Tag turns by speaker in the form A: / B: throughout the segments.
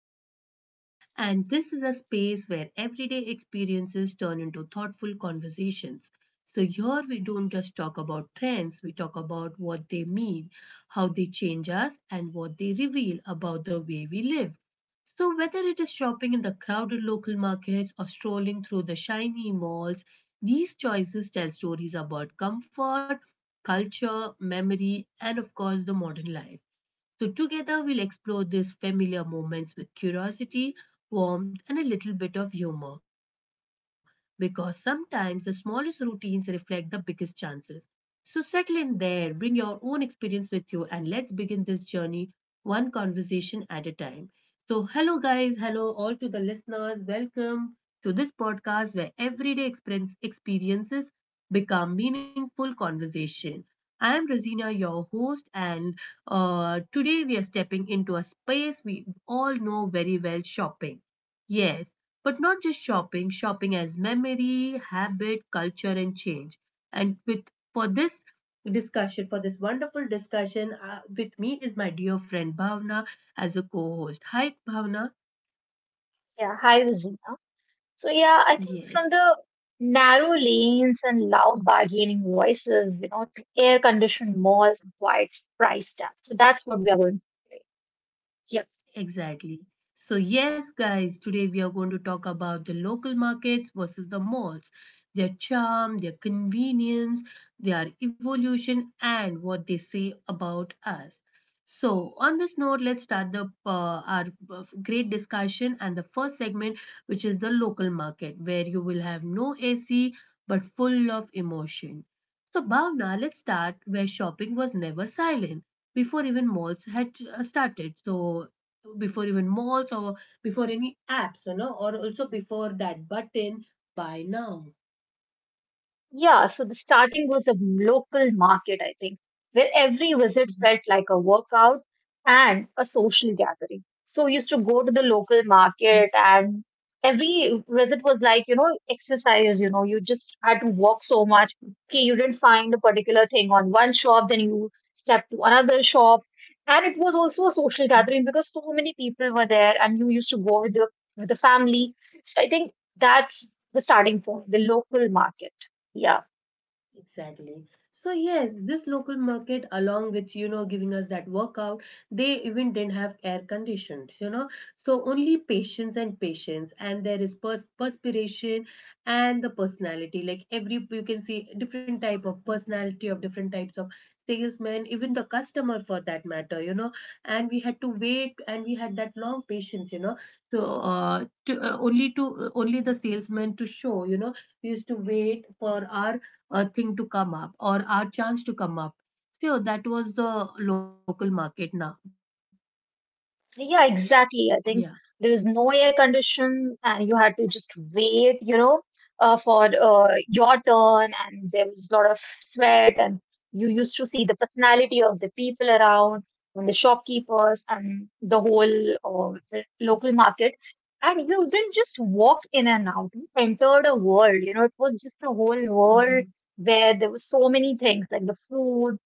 A: my podcast. And this is a space where everyday experiences turn into thoughtful conversations. So, here we don't just talk about trends, we talk about what they mean, how they change us, and what they reveal about the way we live. So, whether it is shopping in the crowded local markets or strolling through the shiny malls, these choices tell stories about comfort, culture, memory, and of course, the modern life. So, together we'll explore these familiar moments with curiosity, warmth, and a little bit of humor because sometimes the smallest routines reflect the biggest chances. So, settle in there, bring your own experience with you, and let's begin this journey one conversation at a time. So, hello, guys, hello, all to the listeners. Welcome to this podcast where everyday experiences become meaningful conversation. I am Rosina, your host, and today we are stepping into a space we all know very well shopping. Yes, but not just shopping, shopping as memory, habit, culture, and change. And with for this discussion, for this wonderful discussion, with me is my dear friend Bhavna as a co host. Hi, Bhavna.
B: Yeah, hi Rosina. So yeah, I think from
A: Yes.
B: the narrow lanes and loud bargaining voices, you know, to air-conditioned malls and quiet price tags. So that's what we are going to play. Yeah.
A: Exactly. So, yes, guys, today we are going to talk about the local markets versus the malls, their charm, their convenience, their evolution, and what they say about us. So, on this note, let's start the our great discussion and the first segment, which is the local market, where you will have no AC but full of emotion. So, Bhavna, let's start where shopping was never silent before even malls had started. So, before even malls or before any apps, or also before that button buy now.
B: Yeah, so the starting was a local market, I think, where every visit felt like a workout and a social gathering. So we used to go to the local market, and every visit was like, you know, exercise. You know, you just had to walk so much. Okay, you didn't find a particular thing on one shop, then you stepped to another shop. And it was also a social gathering because so many people were there and you used to go with the family. So I think that's the starting point, the local market. Yeah,
A: Exactly. So yes, this local market, along with giving us that workout, they even didn't have air conditioned. So only patience and patience, and there is perspiration and the personality. Like every you can see different type of personality of different types of salesmen, even the customer for that matter. And we had to wait, and we had that long patience. So to, only to only the salesman to show. We used to wait for our a thing to come up or our chance to come up. So that was the local market now.
B: yeah,
A: Yeah.
B: exactly. I think there was no air condition, and you had to just wait, you know, for your turn. And there was a lot of sweat, and you used to see the personality of the people around, and the shopkeepers, and the whole the local market. And you didn't just walk in and out; you entered a world. You know, it was just a whole
A: Mhm.
B: world where there were so many things, like the food,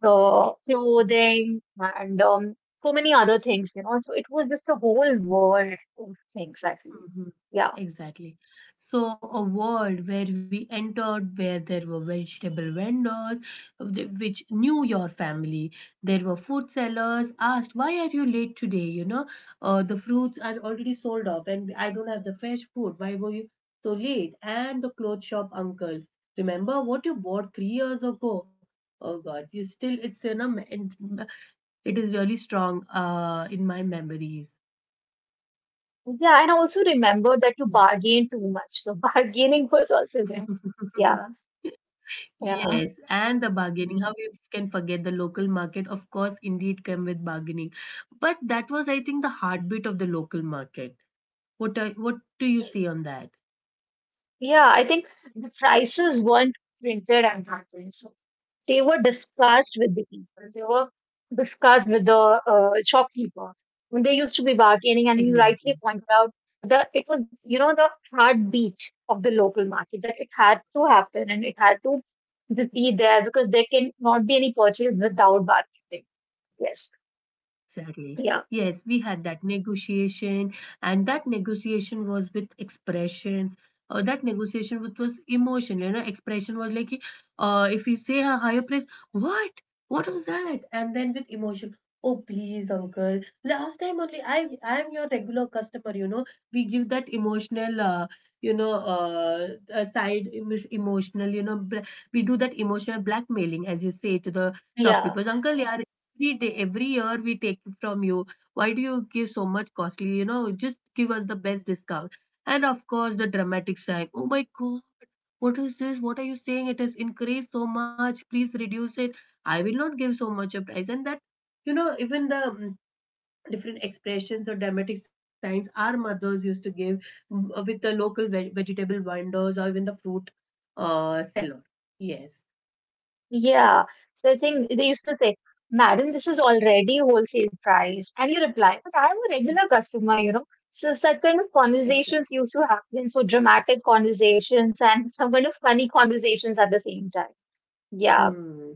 B: the clothing, and so many other things, you know. So it was just a whole world of things, actually.
A: Mhm.
B: Yeah.
A: Exactly. So, a world where we entered, where there were vegetable vendors, which knew your family. There were food sellers asked, "Why are you late today? The fruits are already sold off, and I don't have the fresh food. Why were you so late?" And the clothes shop uncle, remember what you bought 3 years ago? Oh God, you still it's in a me- in- it is really strong in my memories.
B: Yeah. And I also remember that you bargain too much. So bargaining was also there. Yeah. Yeah.
A: Yes, and the bargaining. How we can forget the local market? Of course, indeed, came with bargaining, but that was, I think, the heartbeat of the local market. What do you
B: Ye-
A: see on that?
B: Yeah. I think the prices weren't printed at that time. So they were discussed with the people. They were discussed with the shopkeeper. When they used to be bargaining, and you
A: Exactly.
B: rightly pointed, the it was, you know, the heartbeat of the local market, that it had to happen and it had to just be there because there can not be any purchase without bargaining. Yes.
A: Exactly.
B: Yeah.
A: Yes, we had that negotiation, and that negotiation was with expressions. That negotiation with was emotion. Expression was like, if we say a higher price, what? What was that? And then with emotion, oh please, uncle. Last time only, I am your regular customer. We give that emotional, you know, uh, emotional. We do that emotional blackmailing, as you say to the
B: Yeah.
A: shopkeepers, uncle. Yeah, every day, every year we take it from you. Why do you give so much costly? Just give us the best discount. And of course, the dramatic side. Oh my God, what is this? What are you saying? It has increased so much. Please reduce it. I will not give so much a price. And that, even the different expressions or dramatic signs our mothers used to give with the local vegetable vendors or even the fruit seller. Yes,
B: Yeah. So I think they used to say, "Madam, this is already wholesale price." And you reply, "But I'm a regular customer, you know." So such kind of
A: exactly.
B: conversations used to happen. So dramatic conversations and some kind of funny conversations at the same time. Yeah.
A: Hmm.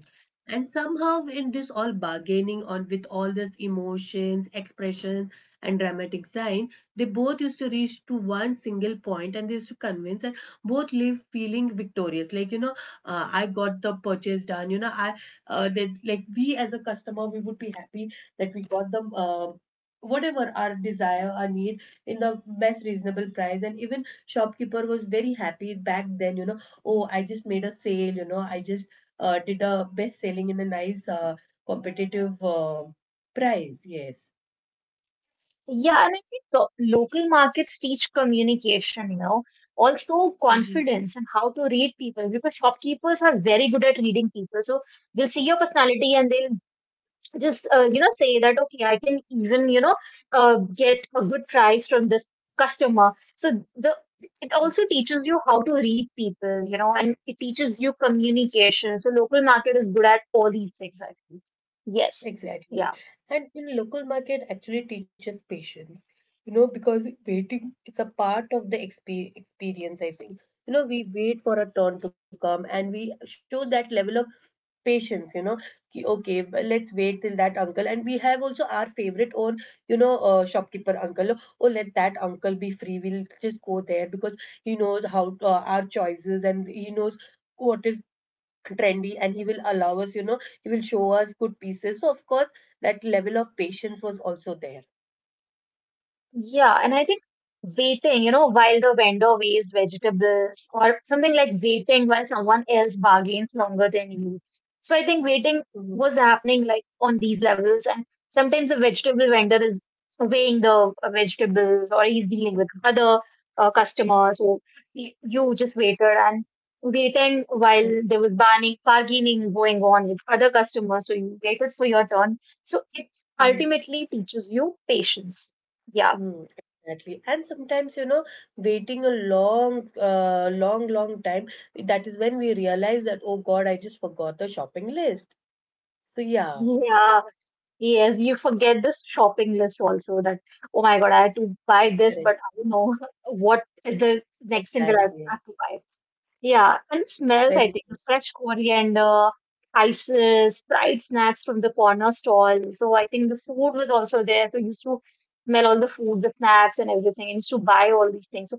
A: And somehow in this all bargaining on with all these emotions, expression, and dramatic sign, they both used to reach to one single point and they used to convince and both leave feeling victorious. Like, I got the purchase done. You know, I that like we as a customer, we would be happy that we got the whatever our desire, our need in the best reasonable price. And even shopkeeper was very happy back then, oh, I just made a sale, I just did a best selling in a nice competitive price. Yes.
B: Yeah, and I think local markets teach communication, you know, also
A: Mhm.
B: confidence and how to read people because shopkeepers are very good at reading people. So they'll see your personality and they'll just, you know, say that, okay, I can even, you know, get a good price from this customer. So the it also teaches you how to read people, you know, and it teaches you communication. So local market is good at all these things, I think. Yes. Yeah.
A: Exactly. And in local market actually teaches patience, because waiting is a part of the experience, I think. We wait for a turn to come and we show that level of patience. Ki, okay, let's wait till that uncle. And we have also our favorite own shopkeeper uncle. Oh, let that uncle be free, we'll just go there because he knows how our choices, and he knows what is trendy, and he will allow us. He will show us good pieces. So of course that level of patience was also there.
B: Yeah, and I think waiting, you know, while the vendor weighs vegetables or something, like waiting while someone else bargains longer than you. So I think waiting
A: Mhm.
B: was happening like on these levels, and sometimes the vegetable vendor is weighing the vegetables or he's dealing with
A: Mhm.
B: other customers. So you just waited and waiting while there was bargaining going on with other customers. So you waited for your turn. So it
A: Mhm.
B: ultimately teaches you patience. Yeah.
A: Mm, exactly. And sometimes, waiting a long, long time, that is when we realize that, oh God, I just forgot the shopping list. So, yeah,
B: Yeah, yes, you forget this shopping list also, that, oh my God, I had to
A: correct.
B: buy this, but I don't know what is the next thing
A: Exactly.
B: that I have to buy. Yeah, and
A: Very.
B: smells, I think, fresh coriander, spices, fried snacks from the corner stall. So I think the food was also there. So you used to smell all the food, the snacks, and everything, and used to buy all these things. So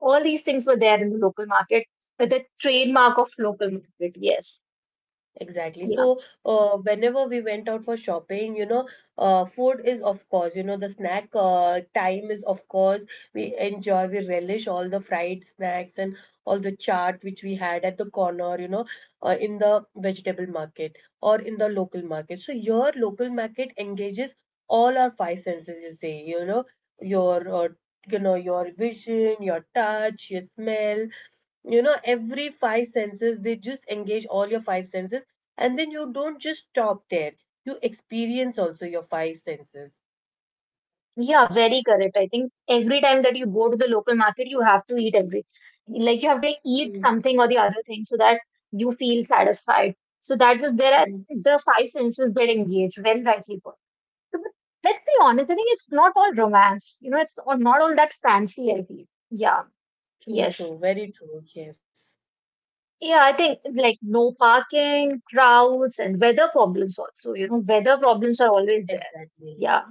B: all these things were there in the local market, but the trademark of local market, yes.
A: Exactly.
B: Yeah.
A: So, whenever we went out for shopping, food is of course, the snack time is of course, we enjoy, we relish all the fried snacks and all the chaat which we had at the corner, in the vegetable market or in the local market. So, your local market engages all our five senses, you say, you know, your, uh, you know, your vision, your touch, your smell, you know every Five senses they just engage all your five senses, and then you don't just stop there, you experience also your five senses.
B: Yeah, very correct. I think every time that you go to the local market, you have to eat every, like you have to eat
A: Mm,
B: something or the other thing so that you feel satisfied. So that was there, are
A: mm.
B: the five senses get engaged, very rightly put. So, but let's be honest, I think it's not all romance. You know, it's all, not all that fancy, I feel. Yeah,
A: True,
B: yes.
A: true, very true, yes,
B: Yeah, I think, like, no parking, crowds, and weather problems also. You know, weather problems are always there.
A: exactly.
B: Yeah.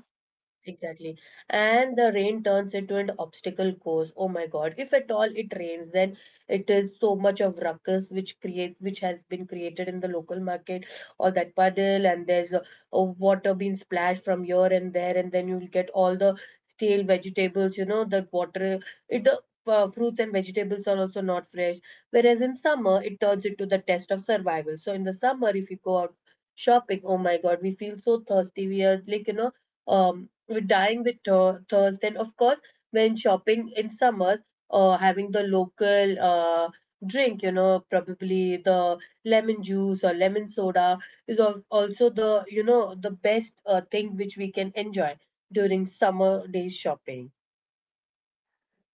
A: Exactly. And the rain turns into an obstacle course. Oh my God. If at all it rains, then it is so much of ruckus which has been created in the local market, or that puddle and there's a water being splashed from here and there, and then you'll get all the stale vegetables, that water it the fruits and vegetables are also not fresh. Whereas in summer it turns into the test of survival. So in the summer if you go out shopping, oh my God, we feel so thirsty. We are like, you know, um with dying with thirst, and of course when shopping in summers having the local drink, probably the lemon juice or lemon soda is also the you know the best thing which we can enjoy during summer days shopping.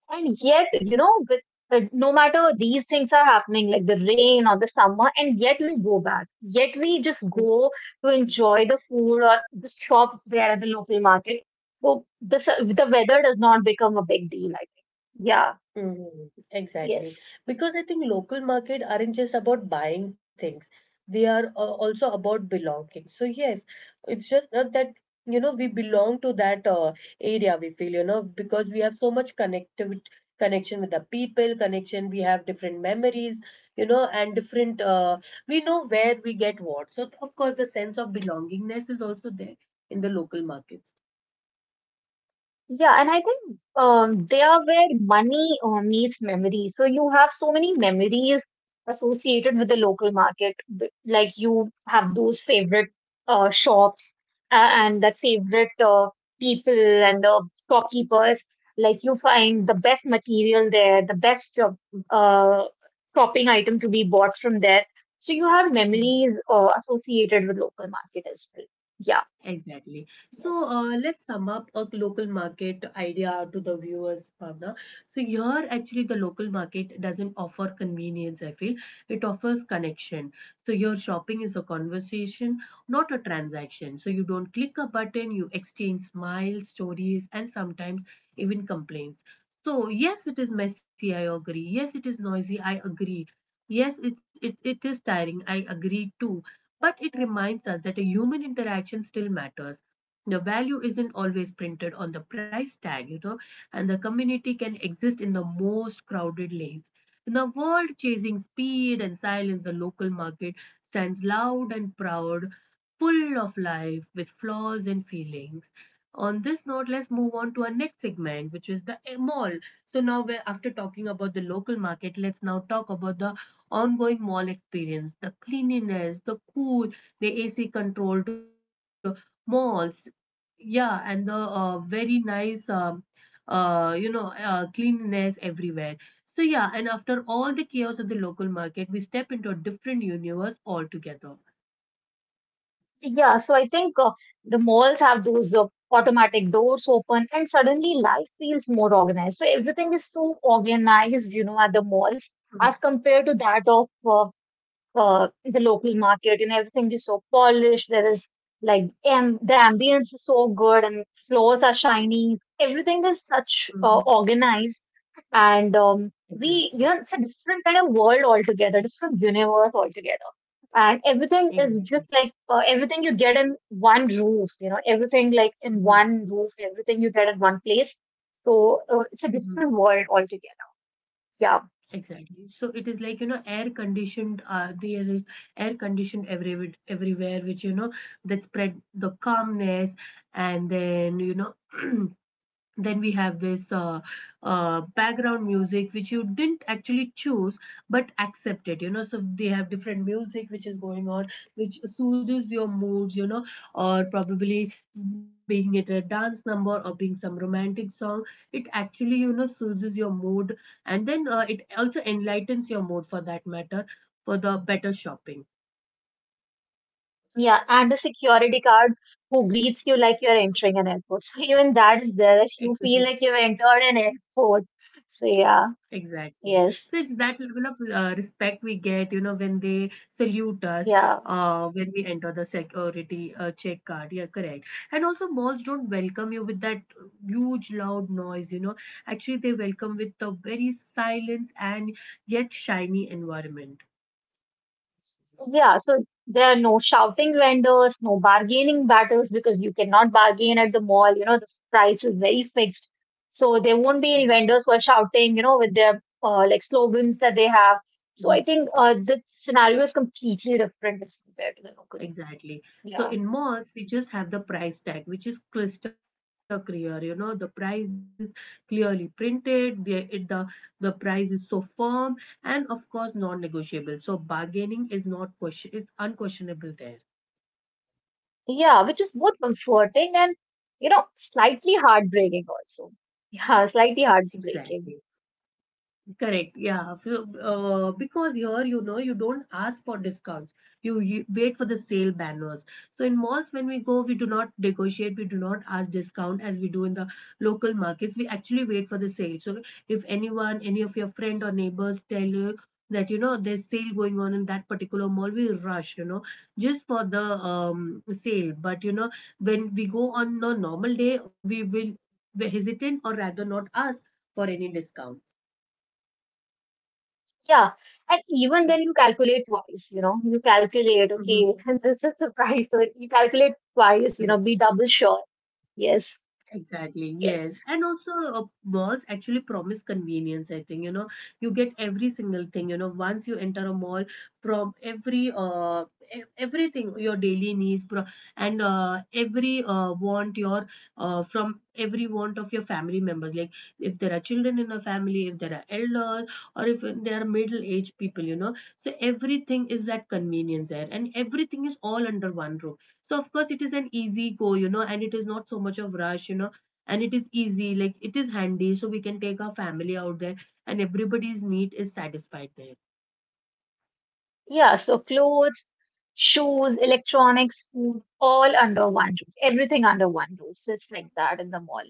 B: And yet, you know, with no matter these things are happening, like the rain or the summer, and yet we go back. Yet we just go to enjoy the food or the shop there at the local market. So this, the weather does not become a big deal, I think. Yeah.
A: Mhm. Exactly.
B: Yes.
A: Because I think local market aren't just about buying things. They are also about belonging. So yes, it's just not that we belong to that area, we feel, because we have so much connectivity connection with the people, connection we have different memories, and different we know where we get what. So of course the sense of belongingness is also there in the local markets.
B: Yeah, and I think they are where money meets memory. So you have so many memories associated with the local market. Like you have those favorite shops and that favorite people and the stockkeepers. Like you find the best material there, the best uh, shopping item to be bought from there. So you have
A: Mhm.
B: memories associated with local market as well. Yeah.
A: Exactly.
B: Yes.
A: So let's sum up a local market idea to the viewers, Bhavna. So here, actually, the local market doesn't offer convenience, I feel. It offers connection. So your shopping is a conversation, not a transaction. So you don't click a button, you exchange smiles, stories, and sometimes even complaints. So yes, it is messy, I agree. Yes, it is noisy, I agree. Yes, it is tiring, I agree too. But it reminds us that a human interaction still matters. The value isn't always printed on the price tag, and the community can exist in the most crowded lanes. In a world chasing speed and silence, the local market stands loud and proud, full of life with flaws and feelings. On this note, let's move on to our next segment, which is the mall. So now we're after talking about the local market, let's now talk about the ongoing mall experience, the cleanliness, the cool, the AC controlled malls. Yeah, and the very nice, cleanliness everywhere. So yeah, and after all the chaos of the local market, we step into a different universe altogether.
B: Yeah, so I think the malls have those automatic doors open, and suddenly life feels more organized. So everything is so organized, you know, at the malls as compared to that of the local market. And everything is so polished. There is like am the ambience is so good, and floors are shiny. Everything is such
A: Mhm.
B: organized, and we, you
A: Exactly,
B: know, it's a different kind of world altogether, different universe altogether, and everything is
A: exactly.
B: just like, everything you get in one roof, you know, everything like in
A: Hmm.
B: one roof, everything you get in one place. So it's a
A: Hmm.
B: different world altogether. Yeah.
A: Exactly. So it is like, you know, air conditioned, there is air conditioned everywhere, which, you know, that spread the calmness and then, you know, then we have this background music which you didn't actually choose but accepted, you know, so they have different music which is going on, which soothes your moods, you know, or probably being it a dance number or being some romantic song, it actually, you know, soothes your mood. And then it also enlightens your mood, for that matter, for the better shopping.
B: Yeah, and the security guard who greets you like you're entering an airport. So even that is there, you feel like you've entered an airport. So yeah.
A: Exactly. So
B: Yes.
A: it's that level of respect we get, you know, when they salute us,
B: Yeah.
A: when we enter the security check card. Yeah, correct. And also, malls don't welcome you with that huge, loud noise, you know. Actually, they welcome with the very silence and yet shiny environment.
B: Yeah, so there are no shouting vendors, no bargaining battles because you cannot bargain at the mall. You know, the price is very fixed. So there won't be any
A: Exactly.
B: vendors who are shouting, you know, with their like slogans that they have. So
A: Mm-hmm.
B: I think the scenario is completely different as compared to the local.
A: Exactly. So
B: Yeah.
A: in malls, we just have the price tag, which is crystal clear. You know, the price is clearly printed. The it, the price is so firm, and of course, non-negotiable. So bargaining is not question is unquestionable there.
B: Yeah, which is both comforting and, you know, slightly heartbreaking also. Yeah, slightly
A: Exactly.
B: heartbreaking.
A: Correct. Yeah. So, because here, you know, you don't ask for discounts. You wait for the sale banners. So in malls, when we go, we do not negotiate. We do not ask discount as we do in the local markets. We actually wait for the sale. So if anyone, any of your friend or neighbors tell you that, you know, there's sale going on in that particular mall, we rush, you know, just for the sale. But, you know, when we go on a normal day, we will be hesitant or rather not ask for any discount.
B: Yeah. And even then you calculate twice, you know, you calculate, okay,
A: Mhm.
B: this is the price. So you calculate twice, you
A: Correct.
B: know, be double sure. Yes,
A: Exactly.
B: yes.
A: Yes. And also, malls actually promise convenience, I think. You know, you get every single thing. You know, once you enter a mall, from everything, your daily needs, and every want from every want of your family members. Like if there are children in a family, if there are elders, or if there are middle-aged people, you know. So everything is that convenience there, and everything is all under one roof. So of course it is an easy go, you know, and it is not so much of rush, you know, and it is easy, like it is handy, so we can take our family out there, and everybody's need is satisfied there.
B: Yeah, so clothes, shoes, electronics, food, all under one roof. Everything under one roof. So it's like that in the mall.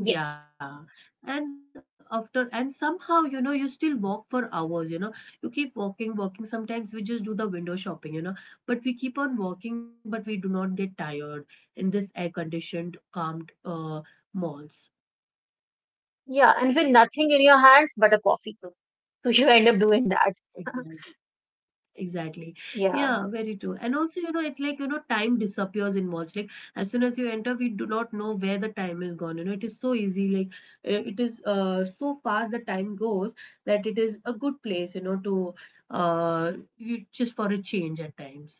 B: Yes.
A: Yeah, and after and somehow, you know, you still walk for hours. You know, you keep walking, walking. Sometimes we just do the window shopping, you know, but we keep on walking, but we do not get tired in this air conditioned, calmed malls.
B: Yeah, and with nothing in your hands but a coffee cup. So you end up doing that.
A: Exactly. Exactly. Yeah,
B: Yeah.
A: very true. And also, you know, it's like, you know, time disappears in malls. Like, as soon as you enter, we do not know where the time is gone. You know, it is so easy. Like, it is so fast the time goes that it is a good place, you know, to you just for a change at times.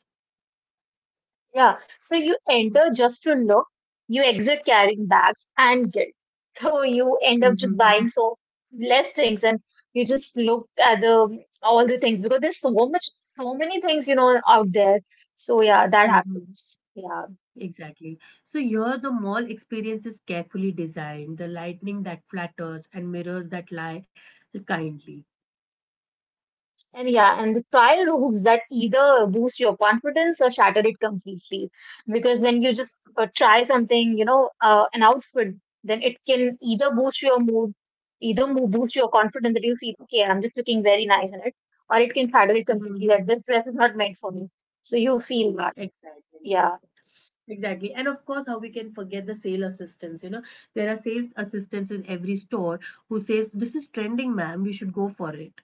B: Yeah. So you enter just to look, you exit carrying bags and guilt. So you end up just
A: Mm-hmm.
B: buying so less things and you just look at the all the things because there's so much so many things, you know, out there. So yeah, that
A: Hmm.
B: happens. Yeah.
A: Exactly. So here the mall experience is carefully designed, the lightning that flatters and mirrors that lie kindly.
B: And yeah, and the trial rooms that either boost your confidence or shatter it completely. Because when you just try something, you know, an outfit, then it can either boost your mood, either boost your confidence that you feel, okay, I'm just looking very nice in it, or it can shatter it completely
A: Mm-hmm.
B: that this dress is not meant for me. So you feel that.
A: Exactly.
B: Yeah.
A: Exactly. And of course, how we can forget the sale assistants. You know, there are sales assistants in every store who says, "This is trending, ma'am. We should go for it."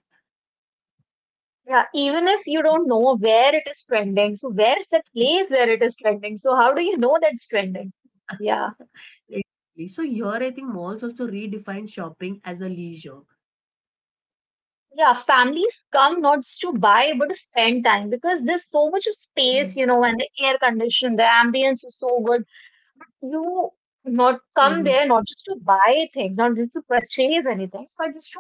B: Yeah. Even if you don't know where it is trending, so where's the place where it is trending? So how do you know that's trending? Yeah.
A: Exactly. So here, I think malls also redefine shopping as a leisure.
B: Yeah, families come not just to buy but to spend time because there's so much of
A: Mm-hmm.
B: space, you know, and the air condition, the ambience is so good. You
A: Mm-hmm.
B: not come there not just to buy things, not just to purchase anything, but just to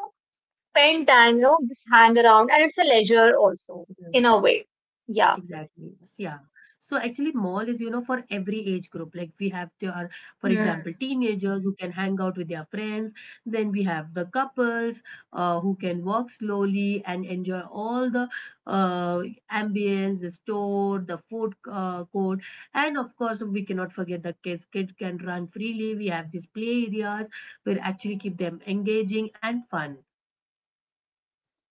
B: spend time, you know, just hang around, and it's a leisure
A: Yeah.
B: also in a way. Yeah.
A: Exactly. Yeah. So actually, mall is, you know, for every age group. Like we have for example,
B: Hmm.
A: teenagers who can hang out with their friends. Then we have the couples who can walk slowly and enjoy all the uh, ambience, the store, the food court. And of course, we cannot forget the kids. Kids can run freely. We have these play areas where actually keep them engaging and fun.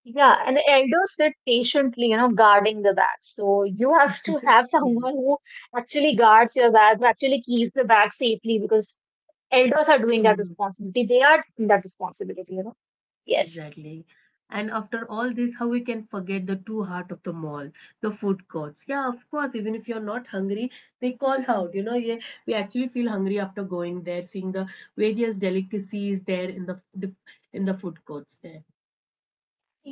B: Yeah, and the elders sit patiently, you know, guarding the bag. So you have to have
A: Yes.
B: someone who actually guards your bag, who actually keeps the bag safely because elders are doing that
A: Mhm.
B: responsibility. They are taking that responsibility, you know. Yes.
A: Exactly. And after all this, how we can forget the true heart of the mall, the food courts. Yeah, of course, even if you're not hungry, they call out. You know, yeah, we actually feel hungry after going there, seeing the various delicacies there in the in the food courts there.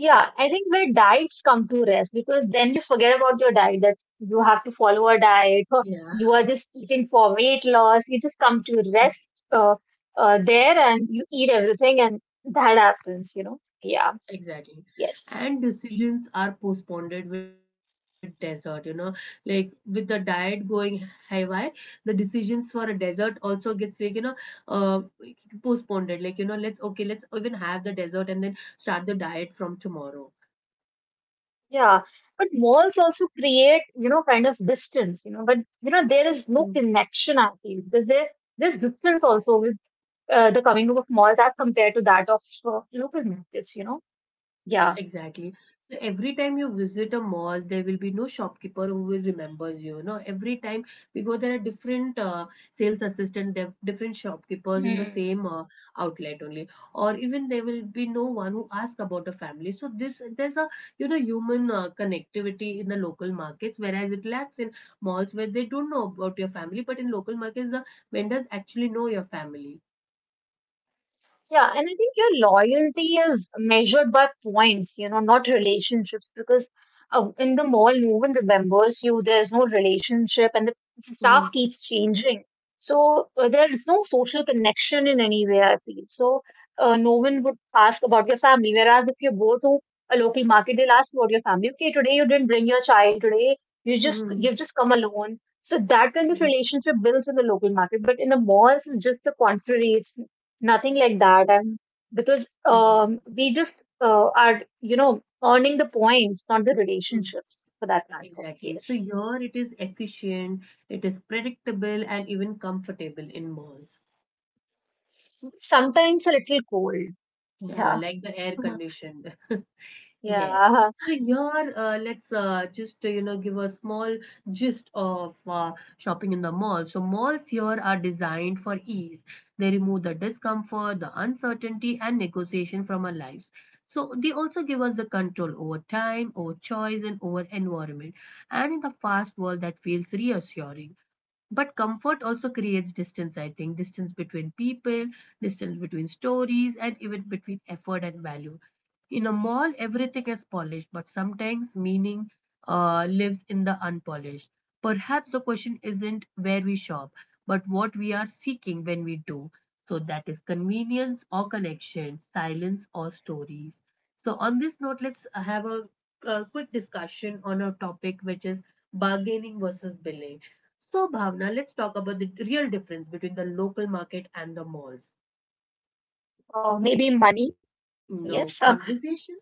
B: Yeah, I think where diets come to rest because then you forget about your diet, that you have to follow a diet or you
A: Yeah.
B: are just eating for weight loss. You just come to rest there and you eat everything and that happens, you know. Yeah,
A: Exactly.
B: yes.
A: And decisions are postponed with desert, you know, like with the diet going haywire, the decisions for a desert also gets like, you know, uh, postponed. Like, you know, let's, okay, let's even have the desert and then start the diet from tomorrow.
B: Yeah. But malls also create, you know, kind of distance, you know, but, you know, there is no
A: Hmm.
B: connection, I feel, because there, there's distance also. The coming of malls as compared to that of local markets, you know? Yeah.
A: Exactly. So every time you visit a mall, there will be no shopkeeper who will remembers you. No, every time because there are different sales assistant, different shopkeepers in the
B: Hmm.
A: same outlet only, or even there will be no one who asks about a family. So this there's a, you know, human connectivity in the local markets, whereas it lacks in malls where they don't know about your family, but in local markets the vendors actually know your family.
B: Yeah, and I think your loyalty is measured by points, you know, not relationships, because in the mall, no one remembers you. There's no relationship, and the staff
A: Mm-hmm.
B: keeps changing. So there is no social connection in any way, I feel. So no one would ask about your family. Whereas if you go to a local market, they'll ask about your family. Okay, today you didn't bring your child. Today you just you've
A: Mm-hmm.
B: just come alone. So that kind of
A: Mm-hmm.
B: relationship builds in the local market, but in the malls, it's just the contrary. It's nothing like that. And because
A: Mm-hmm.
B: we just are, earning the points, not the
A: Mm-hmm.
B: relationships for that matter.
A: Exactly. So
B: Yes.
A: here it is efficient, it is predictable, and even comfortable in malls.
B: Sometimes a little cold.
A: Yeah,
B: Yeah.
A: like the air conditioned. Yes.
B: Yeah.
A: So here, let's just, you know, give a small gist of shopping in the mall. So malls here are designed for ease. They remove the discomfort, the uncertainty, and negotiation from our lives. So they also give us the control over time, over choice, and over environment. And in the fast world, that feels reassuring. But comfort also creates distance, I think, distance between people, distance between stories, and even between effort and value. In a mall everything is polished, but sometimes meaning lives in the unpolished. Perhaps the question isn't where we shop but what we are seeking when we do. So that is convenience or connection, silence or stories. So on this note, let's have a quick discussion on a topic which is bargaining versus billing. So, Bhavna, let's talk about the real difference between the local market and the malls.
B: Or maybe money.
A: No
B: Yes.
A: conversation?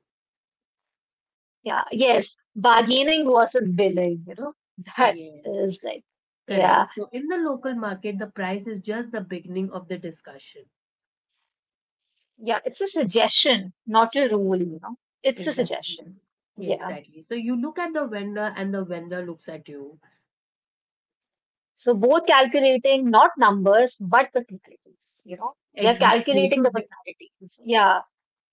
B: Yeah. Yes. Bargaining versus billing, that
A: Yes,
B: is like,
A: correct.
B: yeah.
A: So, in the local market, the price is just the beginning of the discussion.
B: Yeah. It's a suggestion, not a rule, it's a
A: Exactly.
B: suggestion.
A: Yeah,
B: Yeah.
A: exactly. So, you look at the vendor and the vendor looks at you.
B: So both calculating not numbers but personalities. They're
A: Exactly. So,
B: calculating the
A: they,
B: personalities. Yeah,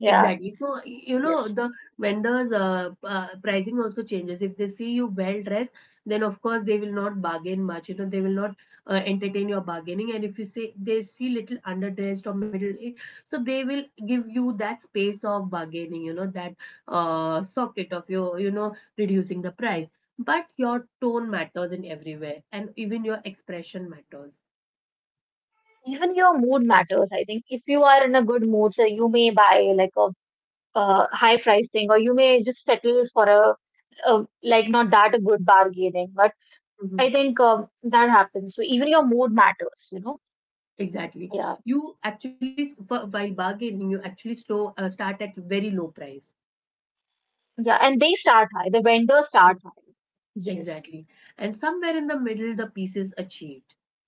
B: yeah,
A: So, you know,
B: yes.
A: the vendors' pricing also changes. If they see you well dressed, then of course they will not bargain much. You know, they will not entertain your bargaining. And if you say they see little underdressed or middle aged, so they will give you that space of bargaining. You know, that socket of your, you know, reducing the price. But your tone matters in everywhere, and even your expression matters.
B: Even your mood matters. I think if you are in a good mood, so you may buy like a high price thing, or you may just settle for a like not that a good bargaining. But I
A: Mhm.
B: think that happens. So even your mood matters. Yeah,
A: Exactly. You actually, while bargaining, you actually slow, start at very low price.
B: yeah. And they start high. The vendors start
A: Mm.
B: high. Yes.
A: Exactly. And somewhere in the middle, the peace is achieved.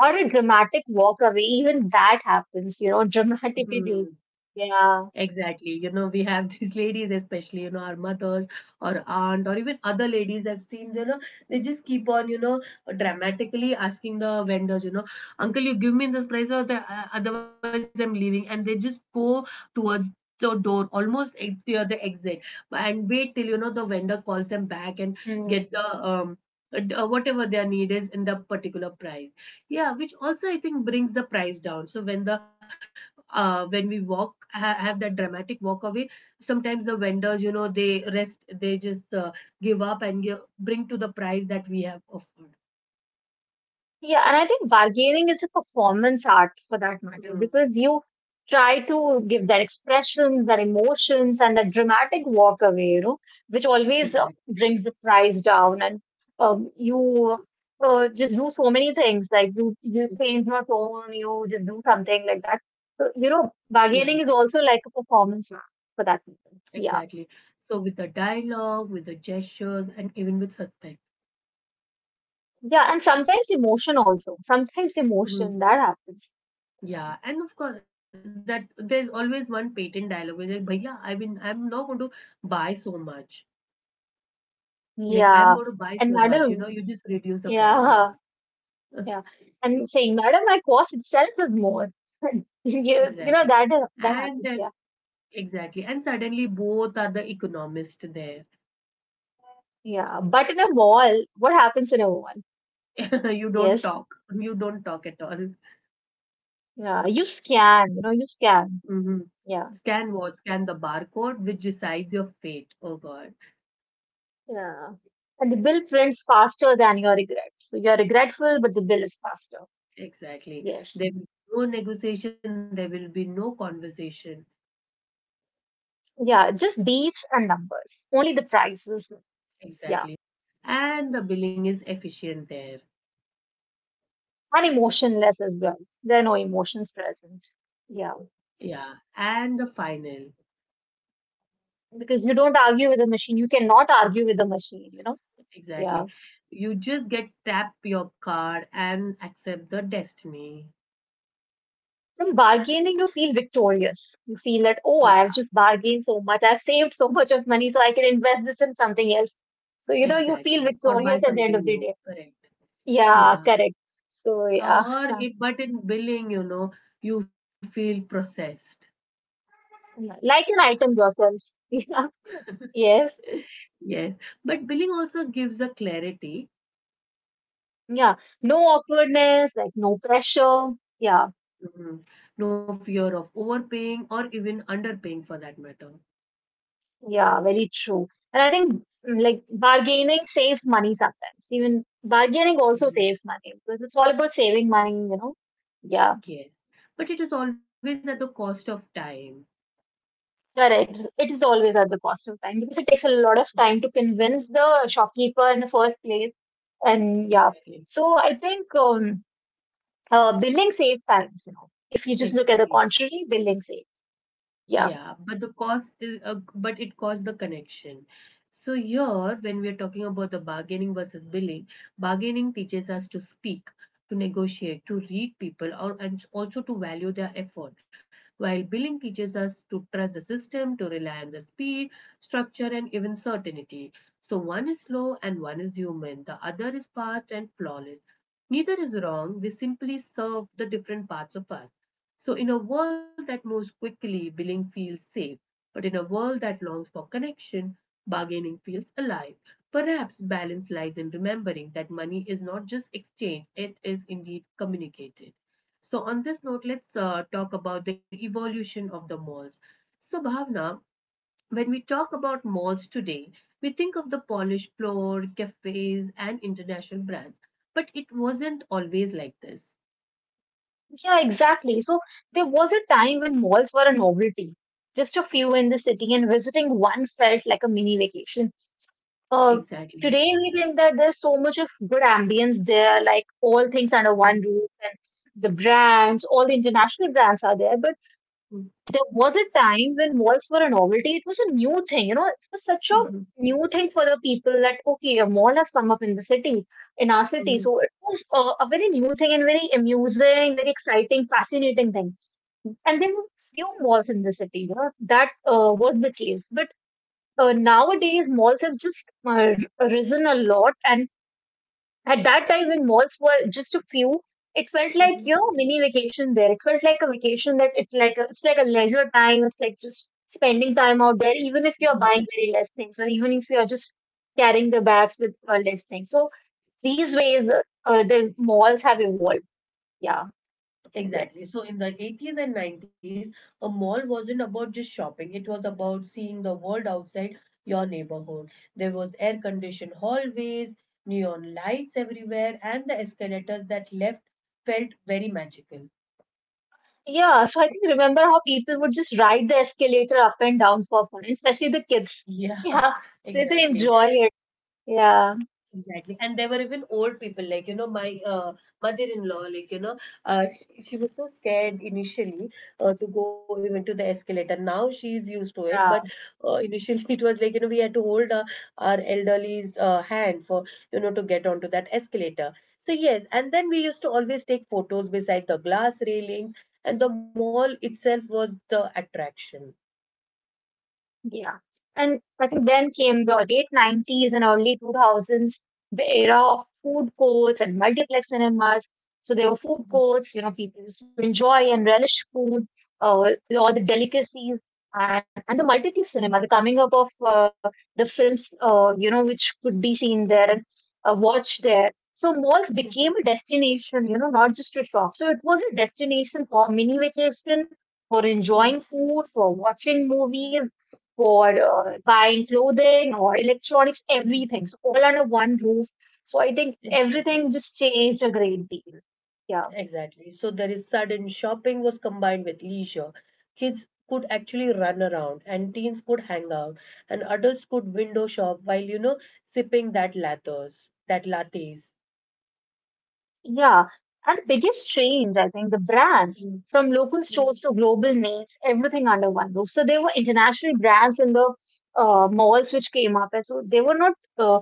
B: Or a dramatic walk away, even that happens, you know,
A: Hmm.
B: dramatically. Yeah.
A: Exactly. You know, we have these ladies, especially, you know, our mothers or aunt or even other ladies I've seen, you know, they just keep on, you know, dramatically asking the vendors, you know, "Uncle, you give me this price or the, otherwise I'm leaving." And they just go towards the door, almost at the exit, and wait till, you know, the vendor calls them back and
B: Mm.
A: get the, whatever their need is in the particular price. Yeah, which also I think brings the price down. So when the when we walk have that dramatic walk away, sometimes the vendors, you know, they rest, they just give up and give, bring to the price that we have offered.
B: Yeah, and I think bargaining is a performance art for that matter because
A: Mm,
B: you try to give their expressions, their emotions, and that dramatic walk away, which always
A: exactly.
B: brings the price down. And you just do so many things, like you change your tone, you just do something like that. So,
A: Yeah,
B: bargaining is also like a performance art for that matter. Yeah.
A: exactly. So with the dialogue, with the gestures, and even with suspect.
B: Yeah, and sometimes emotion also. Sometimes emotion that
A: Mm,
B: happens.
A: yeah. And of course that there's always one patent dialogue which is like, "Bhaiya, I mean, I'm not going to buy so much, like
B: Yeah.
A: I'm going to
B: And
A: buy so much,
B: madam,
A: you know, you just reduce the
B: yeah,
A: price, yeah."
B: yeah. And saying, madam, my cost itself is more. you
A: Exactly.
B: know that
A: And
B: happens.
A: then
B: Yeah,
A: exactly. And suddenly both are the economist there.
B: yeah. But in a mall, what happens in a mall?
A: You don't
B: Yes.
A: talk. You don't talk at all.
B: Yeah. You scan. You scan.
A: Hmm.
B: Yeah.
A: Scan what? Scan the barcode, which decides your fate. Oh God.
B: Yeah. And the bill prints faster than your regret. So you're regretful, but the bill is faster.
A: Exactly.
B: Yes.
A: There will be no negotiation, there will be no conversation.
B: Yeah. Just dates and numbers. Only the prices. Yeah,
A: Exactly. And the billing is efficient there.
B: and emotionless as well. There are no emotions present. Yeah,
A: Yeah. And the final.
B: because you don't argue with a machine. You cannot argue with a machine, you know? Yeah.
A: Exactly. You just get tap your card and accept the destiny.
B: From bargaining, you feel victorious. You feel that, oh, I've
A: Yeah.
B: just bargained so much. I've saved so much of money so I can invest this in something else. So, you feel
A: Exactly. Or
B: victorious at
A: buy
B: the end of the
A: something
B: day.
A: new. Correct.
B: Yeah, correct.
A: Yeah.
B: So, yeah,
A: Or it, but in billing, you know, you feel processed.
B: like an item yourself. Yeah. Yes.
A: Yes. But billing also gives a clarity.
B: Yeah. No awkwardness, like no pressure. Yeah.
A: Mhm. No fear of overpaying or even underpaying for that matter.
B: Yeah, very true. And I think like bargaining saves money sometimes. Even bargaining also saves
A: Mhm.
B: money because it's all about saving money. Yeah,
A: Yes. But it is always at the cost of time.
B: correct. It is always at the cost of time because it takes a lot of time to convince the shopkeeper in the first place. And yeah,
A: Exactly.
B: so I think billing saves times. If you just look at the
A: Exactly.
B: contrary, billing saves. Yeah.
A: Yeah, but the cost is, but it costs the connection. So here, when we are talking about the bargaining versus billing, bargaining teaches us to speak, to negotiate, to read people, or and also to value their effort. While billing teaches us to trust the system, to rely on the speed, structure, and even certainty. So one is slow and one is human. The other is fast and flawless. Neither is wrong. They simply serve the different parts of us. So, in a world that moves quickly, billing feels safe. But in a world that longs for connection, bargaining feels alive. Perhaps balance lies in remembering that money is not just exchanged, it is indeed communicated. So, on this note, let's talk about the evolution of the malls. So, Bhavna, when we talk about malls today, we think of the polished floor, cafes, and international brands. But it wasn't always like this.
B: Yeah, exactly. So there was a time when malls were a novelty. Just a few in the city and visiting one felt like a mini vacation. Uh,
A: Exactly.
B: today we think that there's so much of good ambience there, like all things under one roof and the brands, all the international brands are there. But there was a time when malls were a novelty. It was a new thing, it was such a
A: Mhm,
B: new thing for the people that, okay, a mall has come up in the city, in our city. So
A: mhm,
B: it was a very new thing and very amusing, very exciting, fascinating thing. And there were few malls in the city, that was the case. But nowadays, malls have just risen a lot and at that time, when malls were just a few, it felt like
A: mhm,
B: mini vacation there. It felt like a vacation that it's like a leisure time. It's like just spending time out there, even if
A: mhm.
B: you're buying very less things, or even if you're just carrying the bags with less things. So these ways, the malls have evolved. Yeah. Yes.
A: Exactly. So in the 80s and 90s, a mall wasn't about just shopping. It was about seeing the world outside your neighborhood. There was air-conditioned hallways, neon lights everywhere, and the escalators that left felt very magical.
B: Yeah, so I can remember how people would just ride the escalator up and down for fun, especially the kids.
A: Yeah,
B: Yeah, so they
A: exactly.
B: enjoy it. Yeah,
A: Exactly. And there were even old people, like, you know, my mother-in-law, like, you know, she was so scared initially to go even to the escalator. Now she's used to it, but
B: yeah.
A: initially it was like, you know, we had to hold our elderly's hand for, you know, to get onto that escalator. So, yes, and then we used to always take photos beside the glass railings, and the mall itself was the attraction.
B: Yeah. And I think then came the late 90s and early 2000s, the era of food courts and multiplex cinemas. So there were food
A: Mhm,
B: courts, people used to enjoy and relish food, uh, all the delicacies, and the multiplex cinema, the coming up of uh, the films, which could be
A: mhm,
B: seen there
A: mhm,
B: and watched there. So malls
A: mhm,
B: became a destination, not just a shop. So it was a destination for mini vacation, for
A: mhm,
B: enjoying food, for watching movies, for buying clothing or electronics,
A: mhm.
B: everything. So all under one roof. So I think
A: Exactly.
B: everything just changed a great deal. Yeah.
A: Exactly. So there is sudden shopping was combined with leisure. Kids could actually run around and teens could hang out and adults could window shop while, you know, sipping that lattes, that lattes.
B: Yeah. And the biggest change, I think, the brands
A: Mm,
B: from local stores
A: mm.
B: to global names, everything under one roof. So there were international brands in the malls which came up. And so they were not uh,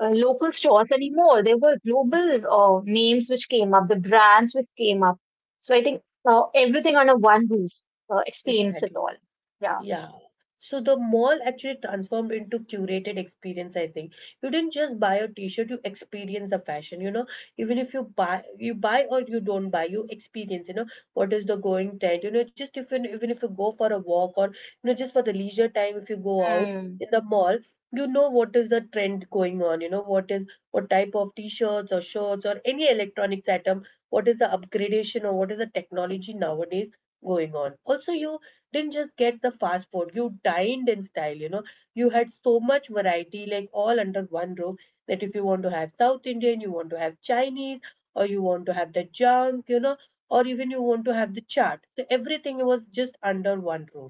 B: uh, local stores anymore. There were global names which came up, the brands which came up. So I think everything under one roof explains it all.
A: Exactly.
B: Yeah.
A: Yeah. So the mall actually transformed into curated experience, I think. You didn't just buy a t-shirt, you experience the fashion, you know. Even if you buy or you don't buy, you experience, you know, what is the going trend. You know, just if you even if you go for a walk or you know, just for the leisure time if you go out
B: Hmm.
A: in the mall, you know what is the trend going on, you know, what type of t-shirts or shirts or any electronics item, what is the upgradation or what is the technology nowadays going on. Also, you didn't just get the fast food, you dined in style, you know. You had so much variety, like all under one roof, that if you want to have South Indian, you want to have Chinese, or you want to have the junk, you know, or even you want to have the chart. So everything was just under one roof.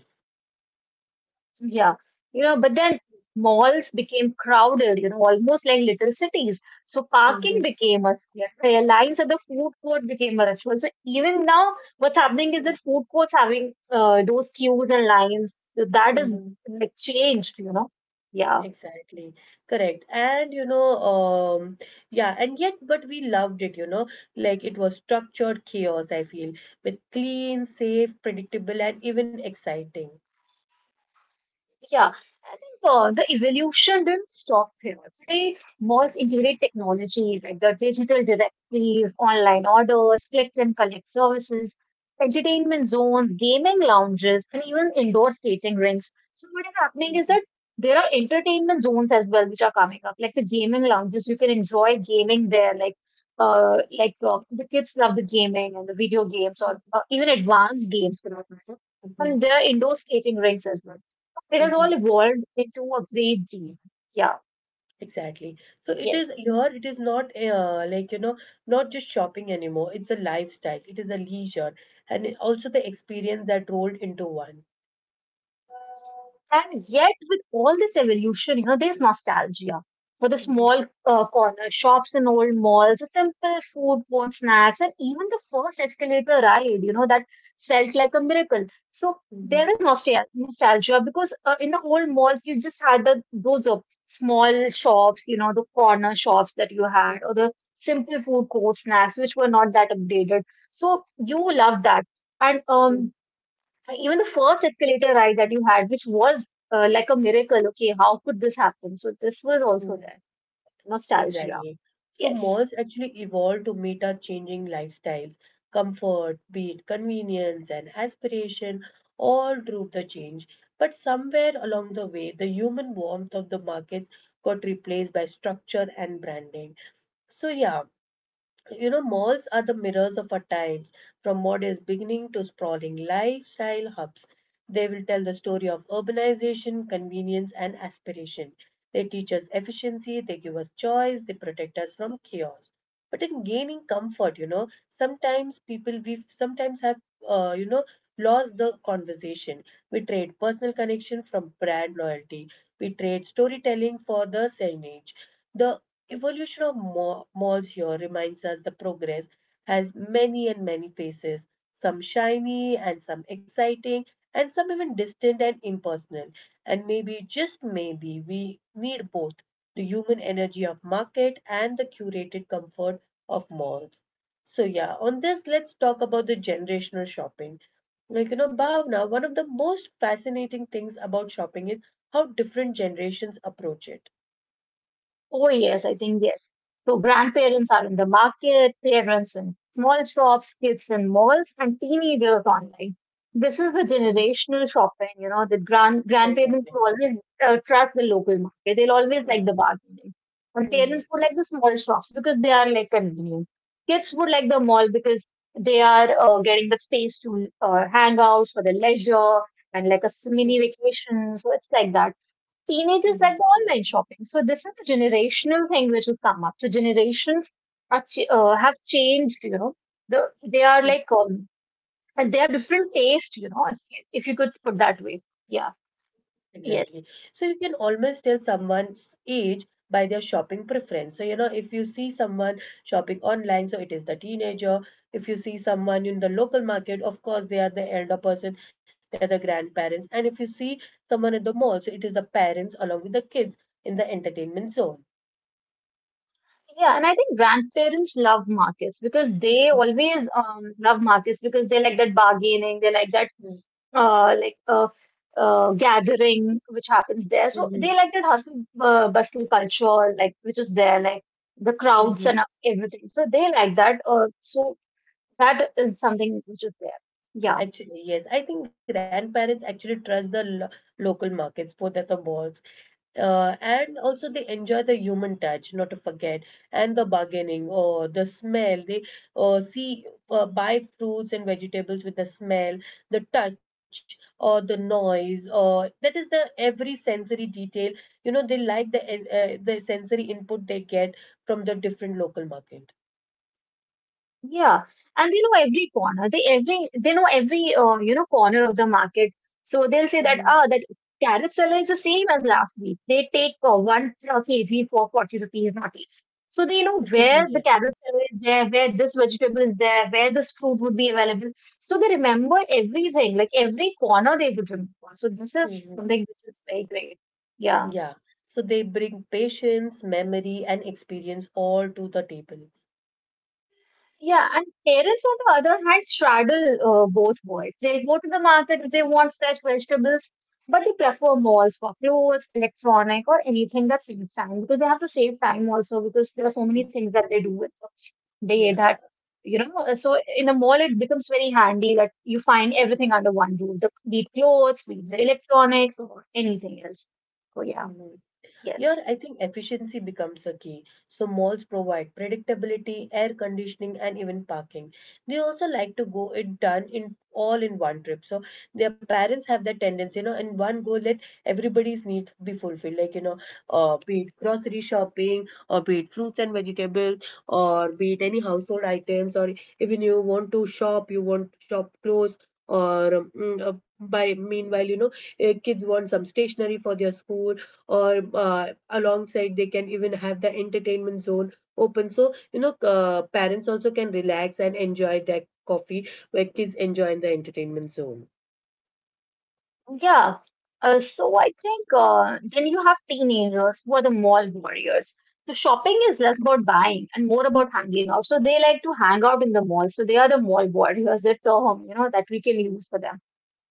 B: Yeah. But then malls became crowded, almost like little cities. So
A: Hmm.
B: parking became a scarce. Lines at the food court became a ritual. So even now, what's happening is that food courts having those queues and lines. So that is
A: Mm-hmm.
B: like changed. Yeah.
A: Exactly. Correct. And you know, um, yeah, and yet, but we loved it, you know, like it was structured chaos, I feel, with clean, safe, predictable, and even exciting.
B: Yeah, I think the evolution didn't stop here. Today, malls integrate technology like the digital directories, online orders, click and collect services, entertainment zones, gaming lounges, and even indoor skating rinks. So, what is happening
A: Mhm,
B: is that there are entertainment zones as well, which are coming up, like the gaming lounges. You can enjoy gaming there, like the kids love the gaming and the video games, or
A: mhm,
B: even advanced games for that matter.
A: mhm,
B: And there are indoor skating rinks as well. It has all
A: mhm.
B: evolved into a great deal. Yeah,
A: Exactly. So it
B: yes.
A: is here, it is not like, you know, not just shopping anymore. It's a lifestyle, it is a leisure, and also the experience that rolled into one.
B: And yet, with all this evolution, there's nostalgia for the
A: Mhm,
B: small corner shops in old malls, the simple food court snacks, and even the first escalator ride, that felt like a miracle. So there
A: mhm,
B: is nostalgia because in the old malls, you just had those small shops, the corner shops that you had,
A: mhm,
B: or the simple food court snacks, which were not that updated. So you love that. And
A: mhm,
B: even the first escalator ride that you had, which was like a miracle. Okay, how could this happen? So this was also
A: mhm.
B: there. Nostalgia.
A: Exactly. So
B: Yes.
A: malls actually evolved to meet our changing lifestyles, comfort, be it convenience and aspiration, all drove the change. But somewhere along the way, the human warmth of the markets got replaced by structure and branding. So yeah, you know, malls are the mirrors of our times, from modest beginning to sprawling lifestyle hubs. They will tell the story of urbanization, convenience, and aspiration. They teach us efficiency, they give us choice, they protect us from chaos. But in gaining comfort, you know, sometimes people, we sometimes have, you know, lost the conversation. We trade personal connection from brand loyalty, we trade storytelling for the signage. The evolution of malls here reminds us the progress has many and many faces, some shiny and some exciting, and some even distant and impersonal. And maybe, just maybe, we need both the human energy of market and the curated comfort of malls. So yeah, on this let's talk about the generational shopping. Like you know, Bhavna, one of the most fascinating things about shopping is how different generations approach it.
B: Oh, yes, I think yes. So grandparents are in the market, parents in small shops, kids in malls, and teenagers online. This is the
A: Mhm.
B: generational shopping, that grand
A: Exactly.
B: grandparents will always trust the local market. They'll always
A: Mhm.
B: like the bargaining. And parents would like the small shops because they are like convenient. Kids would like the mall because they are getting the space to hang out for the leisure and like a
A: Mhm.
B: mini vacation. So it's like that teenagers
A: Mhm.
B: that do online shopping. So this is a generational thing which has come up. So generations are have changed. The they are
A: Yes.
B: like and they have different taste. If you could put that way. Yeah.
A: Exactly.
B: Yes.
A: So you can almost tell someone's age by their shopping preference. So, you know, if you see someone shopping online, so it is the teenager. If you see someone in the local market, of course, they are the elder person, they are the grandparents. And if you see someone at the mall, so it is the parents along with the kids in the entertainment zone.
B: Yeah. And I think grandparents love markets because they always
A: Mhm.
B: love markets because they like that bargaining. They like that uh, like uh, gathering which happens there. So they
A: Mhm.
B: like that hustle bustle culture, like which is there, like the crowds and
A: Mhm.
B: everything. So they like that. So that is something which is there. Yeah.
A: Actually, yes, I think grandparents actually trust the local markets, both at the malls, and also they enjoy the human touch, not to forget, and the bargaining or the smell. They see buy fruits and vegetables with the smell, the touch, or the noise, or that is the every sensory detail. You know, they like the the sensory input they get from the different local market.
B: Yeah, and they know every corner. They know every corner of the market. So they'll say
A: Mhm.
B: that that carrot seller is the same as last week. They take one kg for 40 rupees not less. So they know where the
A: Yes.
B: carrot seller is there, where this vegetable is there, where this fruit would be available. So they remember everything, like every corner they would remember. So this is
A: Mhm.
B: something which is very great. Yeah.
A: Yeah. So they bring patience, memory, and experience all to the table.
B: Yeah, and parents, on the other hand, straddle both worlds. They go to the market if they want fresh vegetables, but they prefer malls for clothes, electronic, or anything that saves time because they have to save time also because there are so many things that they do with the day that,
A: Yeah.
B: so in a mall, it becomes very handy that you find everything under one roof, the, be it clothes, be it the electronics, or anything else. So, yeah,
A: Mhm.
B: yes.
A: Here, I think efficiency becomes a key. So, malls provide predictability, air conditioning, and even parking. They also like to go it done in all in one trip. So, their parents have that tendency, you know, in one go, let everybody's needs be fulfilled. Like, you know, be it grocery shopping, or be it fruits and vegetables, or be it any household items, or even you want to shop, you want to shop clothes. Or by meanwhile, you know, kids want some stationery for their school or alongside they can even have the entertainment zone open, so you know, parents also can relax and enjoy their coffee where kids enjoy in the entertainment zone.
B: Yeah. So I think then you have teenagers who are the mall warriors. So shopping is less about buying and more about hanging out. So they like to hang out in the mall. So they are the mall warriors, the term, you know, that we can use for them.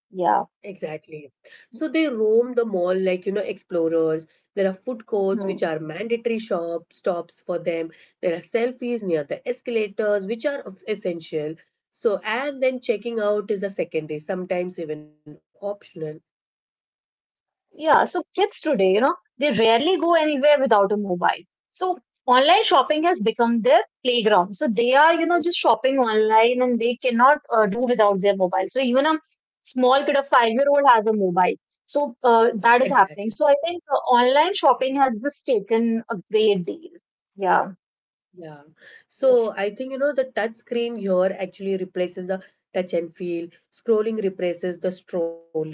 B: Yeah.
A: Exactly, so they roam the mall like you know explorers, there are food courts
B: Hmm.
A: which are mandatory shop stops for them, there are selfies near the escalators which are essential, so and then checking out is a secondary, sometimes even optional.
B: Yeah, so kids today, you know, they rarely go anywhere without a mobile. So online shopping has become their playground. So they are, you know, just shopping online and they cannot do without their mobile. So even a small kid, a five-year-old has a mobile. So that
A: Exactly.
B: is happening. So I think online shopping has just taken a great deal. Yeah.
A: Yeah. So
B: Yes.
A: I think, you know, the touch screen here actually replaces the touch and feel. Scrolling replaces the strolling.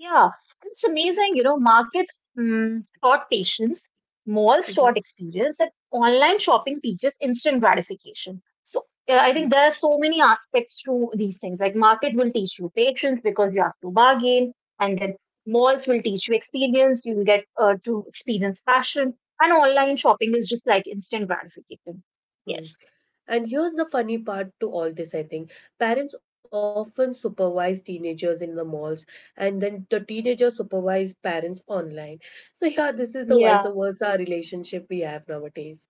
B: Yeah, and it's amazing, you know, markets taught patience, malls
A: Mhm,
B: taught experience, and online shopping teaches instant gratification. So I
A: mhm,
B: think there are so many aspects to these things. Like market will teach you patience because you have to bargain, and then malls will teach you experience. You will get to experience fashion, and online shopping is just like instant gratification.
A: mhm.
B: Yes.
A: And here's the funny part to all this, I think. Parents often supervise teenagers in the malls, and then the teenagers supervise parents online. So, yeah, this is the vice
B: Yeah.
A: versa relationship we have nowadays.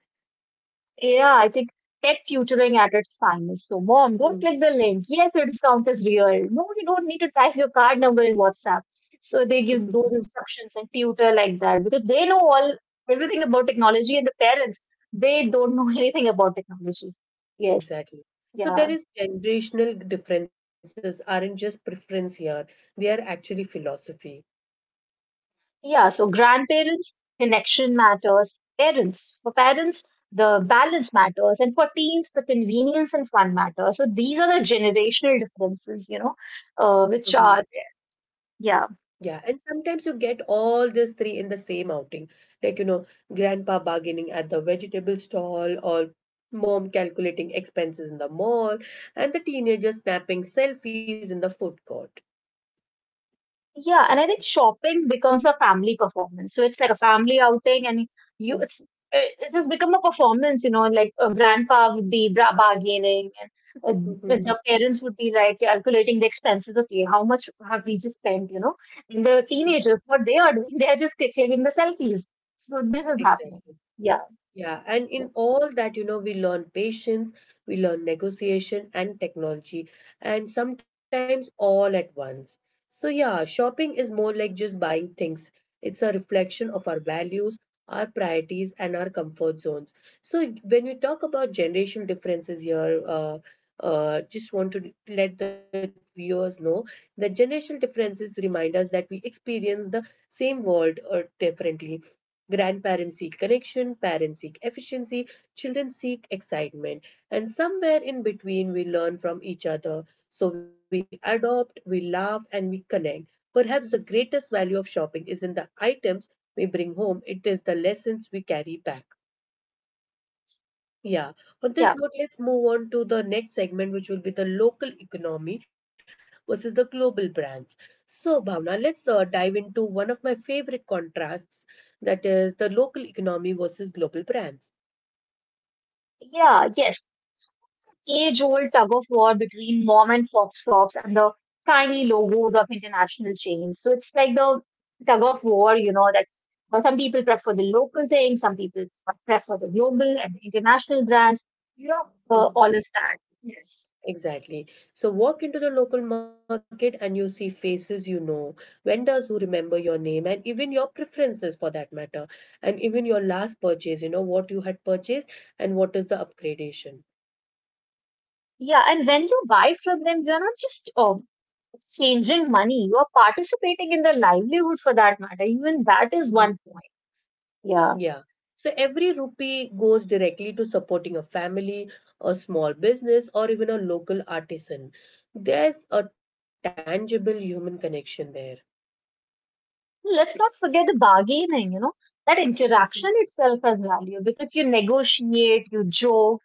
B: Yeah, I think tech tutoring at its finest. So, mom, don't
A: Mhm.
B: click the link. Yes, your discount is real. No, you don't need to type your card number in WhatsApp. So they give those instructions and tutor like that because they know all everything about technology, and the parents they don't know anything about technology. Yes,
A: Exactly. So
B: yeah,
A: there is generational differences aren't just preference here. They are actually philosophy.
B: yeah. So grandparents, connection matters. Parents, for parents, the balance matters, and for teens, the convenience and fun matter. So these are the generational differences,
A: Hmm.
B: which are. Yeah.
A: Yeah, and sometimes you get all these three in the same outing. Like, you know, grandpa bargaining at the vegetable stall or mom calculating expenses in the mall and the teenager snapping selfies in the food court.
B: Yeah. And I think shopping becomes a family performance. So it's like a family outing and you,
A: Mhm.
B: it's, it has become a performance, you know, like a grandpa would be bargaining and the parents would be like calculating the expenses. Okay. How much have we just spent, you know? And the
A: Mhm.
B: teenagers, what they are doing, they are just taking the selfies. So this is happening.
A: Exactly.
B: Yeah.
A: Yeah, and
B: Yeah.
A: in all that, you know, we learn patience, we learn negotiation and technology, and sometimes all at once. So, yeah, shopping is more like just buying things, it's a reflection of our values, our priorities, and our comfort zones. So, when you talk about generation differences here, just want to let the viewers know that generational differences remind us that we experience the same world differently. Grandparents seek connection, parents seek efficiency, children seek excitement. And somewhere in between, we learn from each other. So we adopt, we laugh, and we connect. Perhaps the greatest value of shopping isn't the items we bring home, it is the lessons we carry back. Yeah. On this
B: Yeah.
A: note, let's move on to the next segment, which will be the local economy versus the global brands. So, Bhavna, let's dive into one of my favorite contracts, that is the local economy versus global brands.
B: Yeah. Yes. Age old tug of war between mom and pop shops and the tiny logos of international chains. So it's like the tug of war, you know, that well, some people prefer the local thing, some people prefer the global and the international brands,
A: Mhm.
B: all of that. Yes.
A: Exactly. So, walk into the local market and you see faces you know, vendors who remember your name, and even your preferences for that matter, and even your last purchase, you know, what you had purchased and what is the upgradation.
B: Yeah, and when you buy from them, you're not just exchanging money, you are participating in their livelihood for that matter. Even that is one point. Yeah.
A: Yeah. So every rupee goes directly to supporting a family, a small business, or even a local artisan. There's a tangible human connection there.
B: Let's not forget the bargaining, you know, that
A: Mhm.
B: interaction itself has value because you negotiate, you joke,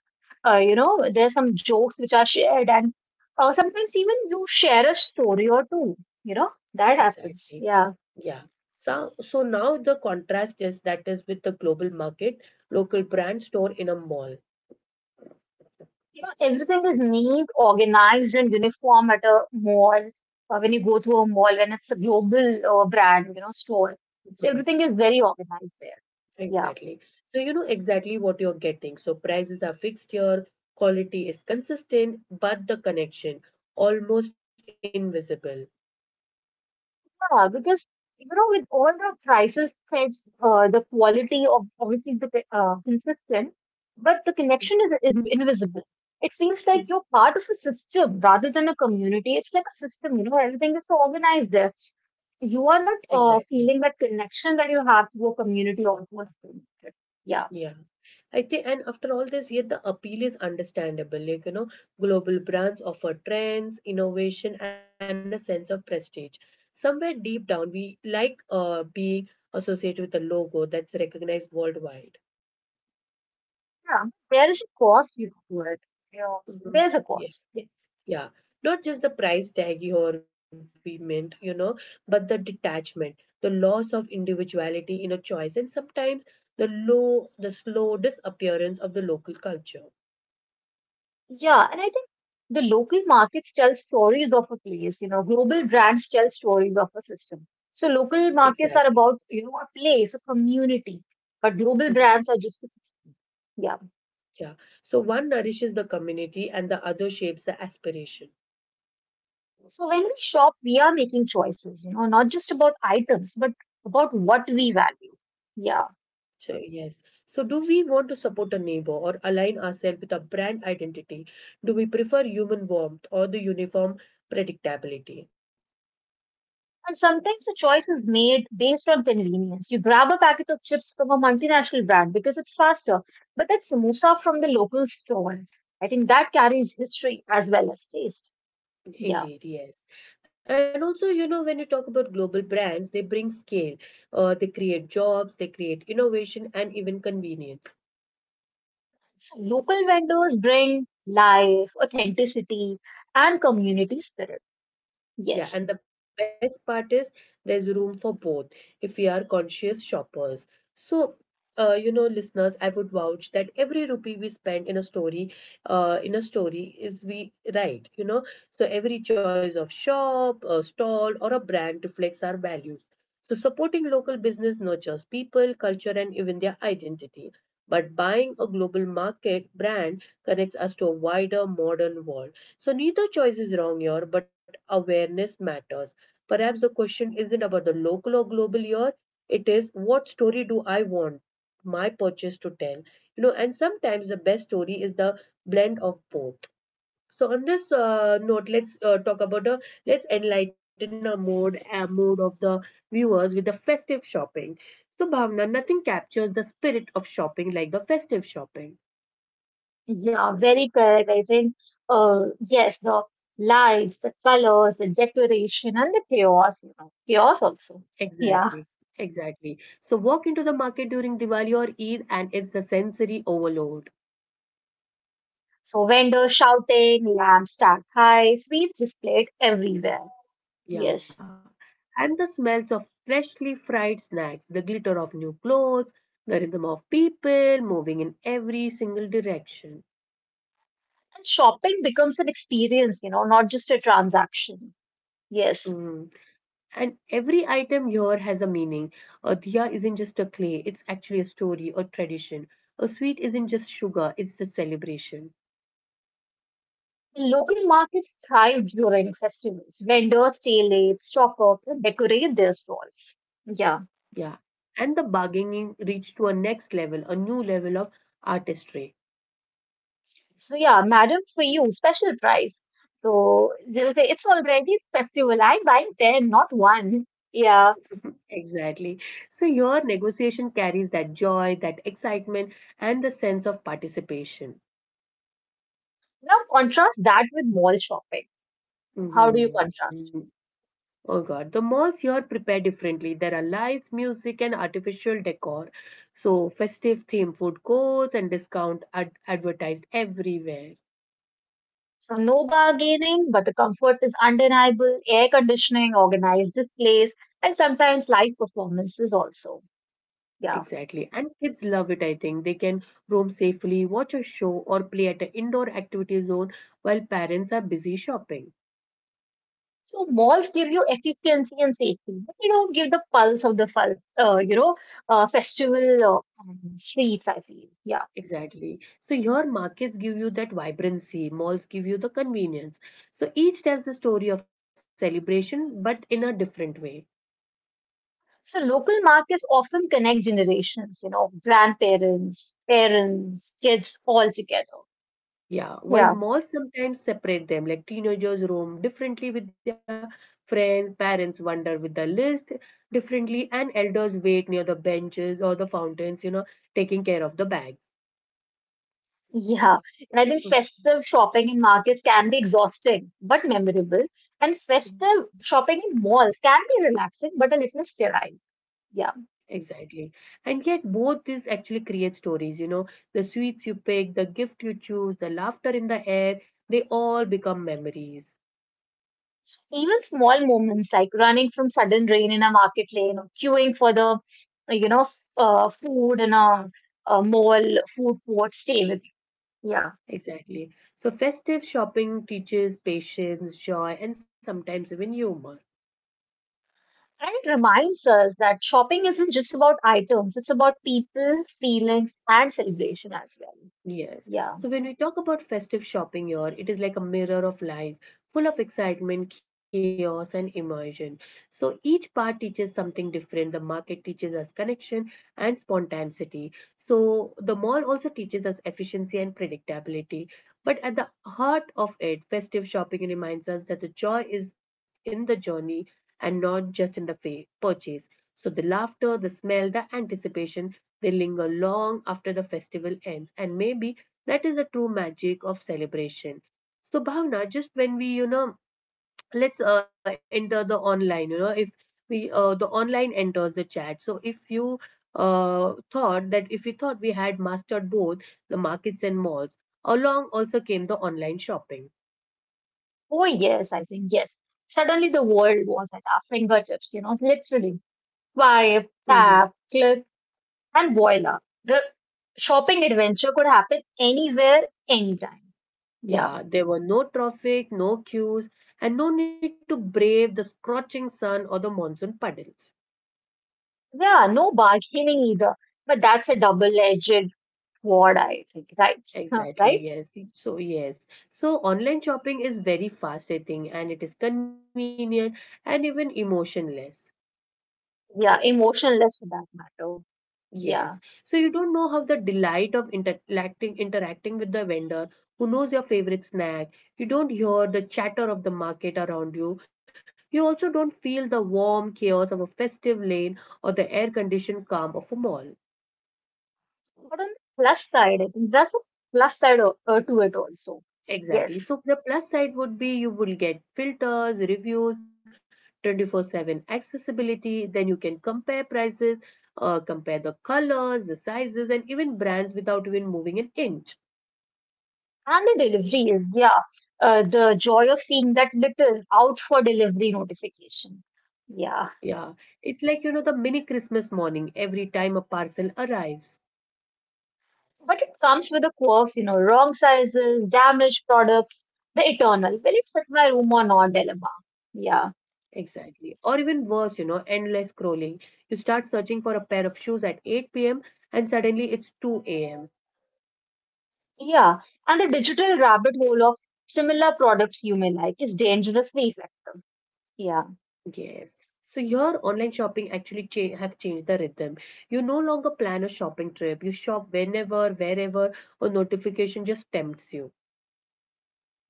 B: you know, there's some jokes which are shared, and sometimes even you share a story or two, you know, that
A: Exactly.
B: happens. Yeah.
A: Yeah. So, so now the contrast is that is with the global market, local brand store in a mall.
B: You know, everything is neat, organized, and uniform at a mall, or when you go to a mall, when it's a global brand, you know, store.
A: Mhm.
B: So everything is very organized there. Yeah.
A: Exactly. So you know exactly what you're getting. So prices are fixed here, quality is consistent, but the connection almost invisible.
B: Yeah, because you know, with all the prices, threads, the quality of obviously the consistent, but the connection is invisible. It feels like
A: Mhm.
B: you're part of a system rather than a community. It's like a system, you know, everything is so organized there. You are not
A: Exactly.
B: feeling that connection that you have to a community or to a community. Yeah,
A: Yeah, I think, and after all this, yet the appeal is understandable. Like, you know, global brands offer trends, innovation, and a sense of prestige. Somewhere deep down, we like being associated with a logo that's recognized worldwide.
B: yeah. There is a cost you know, to it. Yeah,
A: Mhm.
B: there's a
A: Yeah.
B: cost. Yeah.
A: Yeah, not just the price tag or we meant, you know, but the detachment, the loss of individuality in a choice, and sometimes the low, the slow disappearance of the local culture.
B: Yeah, and I think the local markets tell stories of a place, you know, global brands tell stories of a system. So local
A: Exactly.
B: markets are about, you know, a place, a community, but
A: Mhm.
B: global brands are just, yeah.
A: Yeah. So one nourishes the community and the other shapes the aspiration.
B: So when we shop, we are making choices, you know, not just about items, but about what we value. Yeah.
A: So, yes. So, do
B: Yes.
A: we want to support a neighbor or align ourselves with a brand identity? Do we prefer human warmth or the uniform predictability?
B: And sometimes the choice is made based on convenience. You grab a packet of chips from a multinational brand because it's faster, but that samosa from the local store, I think that carries history as well as taste. Yeah.
A: Indeed, yes. And also, you know, when you talk about global brands, they bring scale, they create jobs, they create innovation, and even convenience.
B: So local vendors bring life, authenticity, and community spirit. Yes.
A: Yeah, and the best part is there's room for both if we are conscious shoppers. So, you know, listeners, I would vouch that every rupee we spend in a story is we right, you know. So every choice of shop, a stall, or a brand reflects our values. So supporting local business nurtures people, culture, and even their identity. But buying a global market brand connects us to a wider modern world. So neither choice is wrong here, but awareness matters. Perhaps the question isn't about the local or global year, it is what story do I want my purchase to tell? You know, and sometimes the best story is the blend of both. So on this note, let's talk about the let's enlighten our mood of the viewers with the festive shopping. So Bhavna, nothing captures the spirit of shopping like the festive shopping.
B: Yeah, very correct. I think, yes, the lights, the colors, the decoration, and the chaos, you know, chaos also.
A: Exactly,
B: Yeah.
A: exactly. So walk into the market during Diwali or Eid and it's the sensory overload.
B: So vendors shouting, lamps stacked high, sweets displayed everywhere.
A: Yeah.
B: Yes.
A: And the smells of freshly fried snacks, the glitter of new clothes, the rhythm of people moving in every single direction.
B: And shopping becomes an experience, you know, not just a transaction. Yes.
A: Mm. And every item here has a meaning. A diya isn't just a clay, it's actually a story or tradition. A sweet isn't just sugar, it's the celebration.
B: The local markets thrive during festivals. Vendors stay late, stock up, and decorate their stalls. Yeah.
A: Yeah, and the bargaining reached to a next level, a new level of artistry.
B: So yeah, madam, for you, special price. So they'll say it's already festival. I'm buying ten, not one. Yeah.
A: Exactly. So your negotiation carries that joy, that excitement, and the sense of participation.
B: Now contrast that with mall shopping. How do you
A: Hmm.
B: contrast?
A: Oh God, the malls here prepare differently. There are lights, music, and artificial decor. So festive theme food courts and discount ad advertised everywhere.
B: So no bargaining, but the comfort is undeniable, air conditioning, organized displays, and sometimes live performances also. Yeah.
A: Exactly. And kids love it, I think. They can roam safely, watch a show, or play at an indoor activity zone while parents are busy shopping.
B: So malls give you efficiency and safety, but they don't give the pulse of the you know festival streets. I feel yeah.
A: Exactly. So your markets give you that vibrancy, malls give you the convenience. So each tells the story of celebration, but in a different way.
B: So local markets often connect generations, you know, grandparents, parents, kids all together.
A: Yeah, while
B: Yeah.
A: malls sometimes separate them, like teenagers roam differently with their friends, parents wander with the list differently, and elders wait near the benches or the fountains, you know, taking care of the bags.
B: Yeah, and I think
A: Mm.
B: festive shopping in markets can be exhausting but memorable, and festive shopping in malls can be relaxing but a little sterile. Yeah,
A: Exactly. And yet, both these actually create stories, you know, the sweets you pick, the gift you choose, the laughter in the air, they all become memories.
B: even small moments like running from sudden rain in a market lane or queuing for the you know food in a mall food court stay with you. Yeah,
A: Exactly. So, festive shopping teaches patience, joy, and sometimes even humor.
B: and it reminds us that shopping isn't just about items; it's about people, feelings, and celebration as well.
A: Yes. So
B: Yeah.
A: when we talk about festive shopping here, it is like a mirror of life, full of excitement, chaos, and immersion. So each part teaches something different. The market teaches us connection and spontaneity. So the mall also teaches us efficiency and predictability. But at the heart of it, festive shopping reminds us that the joy is in the journey and not just in the fa- purchase. So the laughter, the smell, the anticipation, they linger long after the festival ends, and maybe that is the true magic of celebration. So, Bhavna, just when we, you know, let's enter the online, you know, if we the online enters the chat. So, if you thought that if you thought we had mastered both the markets and malls, along also came the online shopping.
B: Oh, yes, I think, yes. Suddenly the world was at our fingertips, you know, literally. Swipe,
A: Hmm.
B: tap, click, and voila. The shopping adventure could happen anywhere, anytime. Yeah.
A: Yeah, there were no traffic, no queues, and no need to brave the scorching sun or the monsoon puddles.
B: Yeah, no bargaining either. But that's a double-edged sword, I think, right? Huh,
A: Exactly,
B: right?
A: yes. So, yes. So, online shopping is very fast, I think, and it is convenient and even emotionless.
B: Yeah, emotionless for that matter.
A: Yes. So,
B: Yeah.
A: you don't know how the delight of interacting with the vendor who knows your favorite snack. You don't hear the chatter of the market around you. You also don't feel the warm chaos of a festive lane or the air-conditioned calm of a mall.
B: But on the plus side, I think there's a plus side to it also.
A: Exactly.
B: Yes.
A: So the plus side would be you will get filters, reviews, 24/7 accessibility, then you can compare prices, compare the colors, the sizes, and even brands without even moving an inch.
B: And the delivery is, yeah, the joy of seeing that little out for delivery notification. Yeah,
A: Yeah, it's like you know the mini Christmas morning every time a parcel arrives.
B: but it comes with the quirks, you know, wrong sizes, damaged products, the eternal. Will it fit my room or not dilemma? Yeah,
A: Exactly. Or even worse, you know, endless scrolling. You start searching for a pair of shoes at 8 p.m. and suddenly it's 2 a.m.
B: yeah. And the digital rabbit hole of similar products you may like is dangerously effective. Yeah.
A: Yes. So your online shopping actually cha- have changed the rhythm. You no longer plan a shopping trip. You shop whenever, wherever, or notification just tempts you.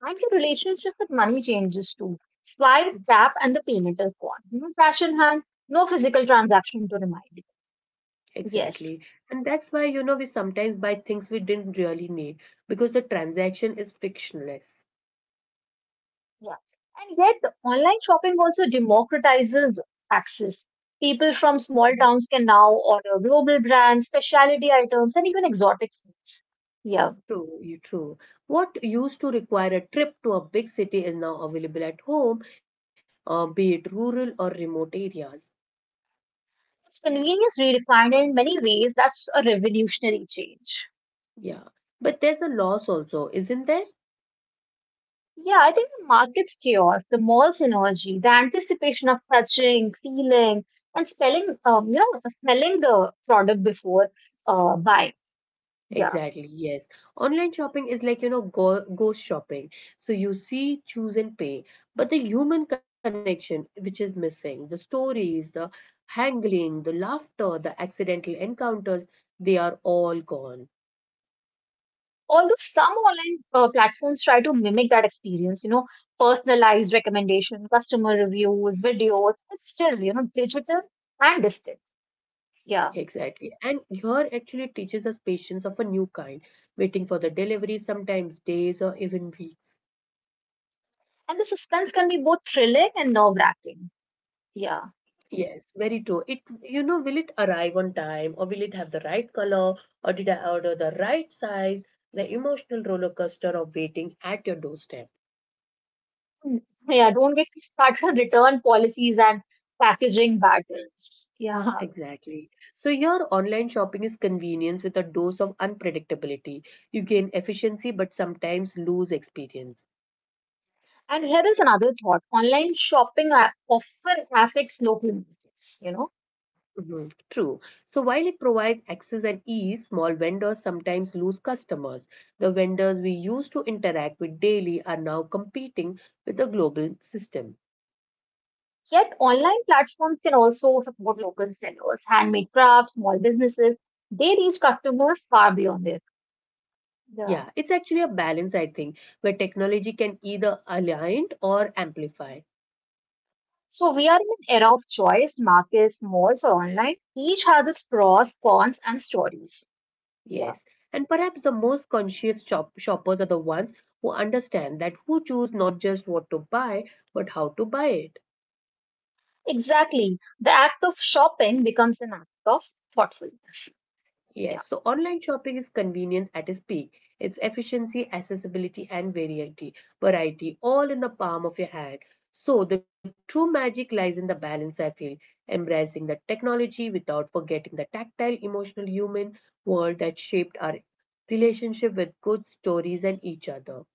B: And your relationship with money changes too. Swipe, tap, and the payment is gone. No cash in hand, no physical transaction to remind you.
A: Exactly.
B: Yes.
A: And that's why, you know, we sometimes buy things we didn't really need because the transaction is fictionless.
B: Yeah. And yet, online shopping also democratizes access. People from small towns can now order global brands, specialty items, and even exotic foods. Yeah.
A: True, you true. What used to require a trip to a big city is now available at home, be it rural or remote areas.
B: It's convenience redefined in many ways. That's a revolutionary change.
A: Yeah. But there's a loss also, isn't there?
B: Yeah, I think the market's chaos, the mall's energy, the anticipation of touching, feeling, and spelling, you know, smelling the product before buying. Yeah.
A: Exactly, yes. Online shopping is like, you know, go ghost shopping. So you see, choose, and pay. But the human connection, which is missing, the stories, the haggling, the laughter, the accidental encounters, they are all gone.
B: Although some online platforms try to mimic that experience, you know, personalized recommendation, customer reviews, videos, it's still, you know, digital and distant. Yeah.
A: Exactly. And here actually teaches us patience of a new kind, waiting for the delivery sometimes days or even weeks.
B: And the suspense can be both thrilling and nerve-wracking. Yeah.
A: Yes, very true. It, you know, will it arrive on time or will it have the right color or did I order the right size? The emotional roller coaster of waiting at your doorstep.
B: Mm, Yeah, don't get me started on return policies and packaging battles. Yeah.
A: Exactly. So, your online shopping is convenience with a dose of unpredictability. You gain efficiency but sometimes lose experience.
B: And here is another thought. Online shopping often affects local markets, you know.
A: Mhm. True. So while it provides access and ease, small vendors sometimes lose customers. The vendors we used to interact with daily are now competing with the global system.
B: Yet online platforms can also support local sellers, handmade crafts, small businesses. They reach customers far beyond this.
A: Yeah,
B: Yeah.
A: it's actually a balance, I think, where technology can either align or amplify.
B: So we are in an era of choice, markets, malls, or online. Each has its pros, cons, and stories.
A: Yes.
B: Yeah.
A: And perhaps the most conscious shop- shoppers are the ones who understand that who choose not just what to buy, but how to buy it.
B: Exactly. The act of shopping becomes an act of thoughtfulness.
A: Yes,
B: Yeah.
A: so online shopping is convenience at its peak. It's efficiency, accessibility, and variety, variety, all in the palm of your hand. So the true magic lies in the balance, I feel, embracing the technology without forgetting the tactile, emotional human world that shaped our relationship with goods, stories, and each other.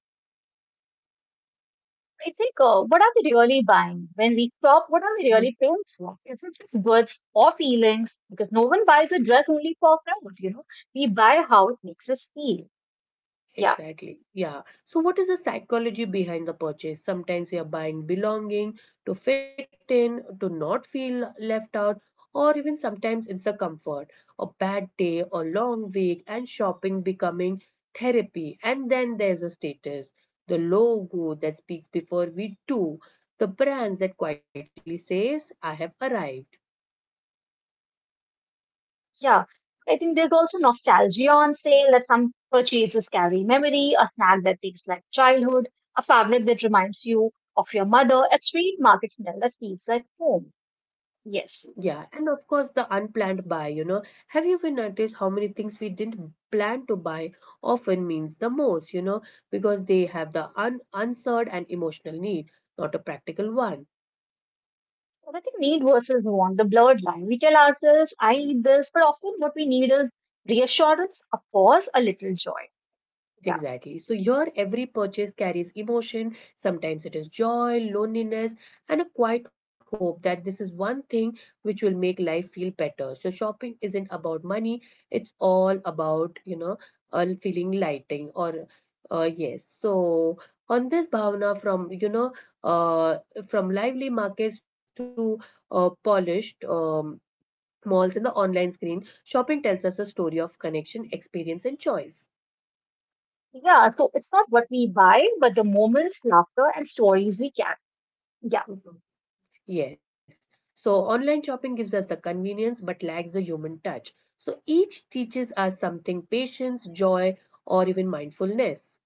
B: I think what are we really buying? When we shop, what
A: Mm-hmm.
B: are we really paying for? Is it just goods or feelings? Because no one buys a dress only for clothes, you know. We buy how it makes us feel. Yeah,
A: Exactly. Yeah. So, what is the psychology behind the purchase? Sometimes we are buying belonging to fit in, to not feel left out, or even sometimes it's the comfort. A bad day, a long week, and shopping becoming therapy. And then there's a status, the logo that speaks before we do, the brands that quietly says, I have arrived.
B: yeah. I think there's also nostalgia on sale that some purchases carry memory, a snack that tastes like childhood, a fabric that reminds you of your mother, a street market smell that feels like home. Yes.
A: Yeah, and of course the unplanned buy, you know. Have you ever noticed how many things we didn't plan to buy often means the most, you know, because they have the un- unsought and emotional need, not a practical one.
B: But I think need versus want, the blurred line. We tell ourselves, I need this, but often what we need is reassurance, a pause, a little joy. Yeah.
A: Exactly. So, your every purchase carries emotion. Sometimes it is joy, loneliness, and a quiet hope that this is one thing which will make life feel better. So, shopping isn't about money, it's all about, you know, feeling lighting or, yes. So, on this bhavana from, you know, uh, from lively markets to polished malls and the online screen, shopping tells us a story of connection, experience, and choice.
B: Yeah. So it's not what we buy, but the moments, laughter, and stories we can. Yeah.
A: Mm-hmm. Yes. So online shopping gives us the convenience but lacks the human touch. So each teaches us something patience, joy, or even mindfulness.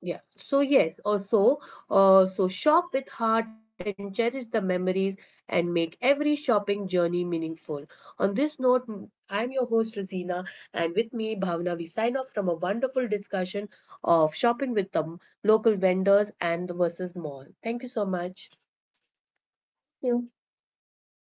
A: Yeah. So yes, also so shop with heart and cherish the memories and make every shopping journey meaningful. On this note, m- I'm your host Rosina and with me Bhavna we sign off from a wonderful discussion of shopping with the m- local vendors and the versus mall. Thank you so much.
B: Yeah.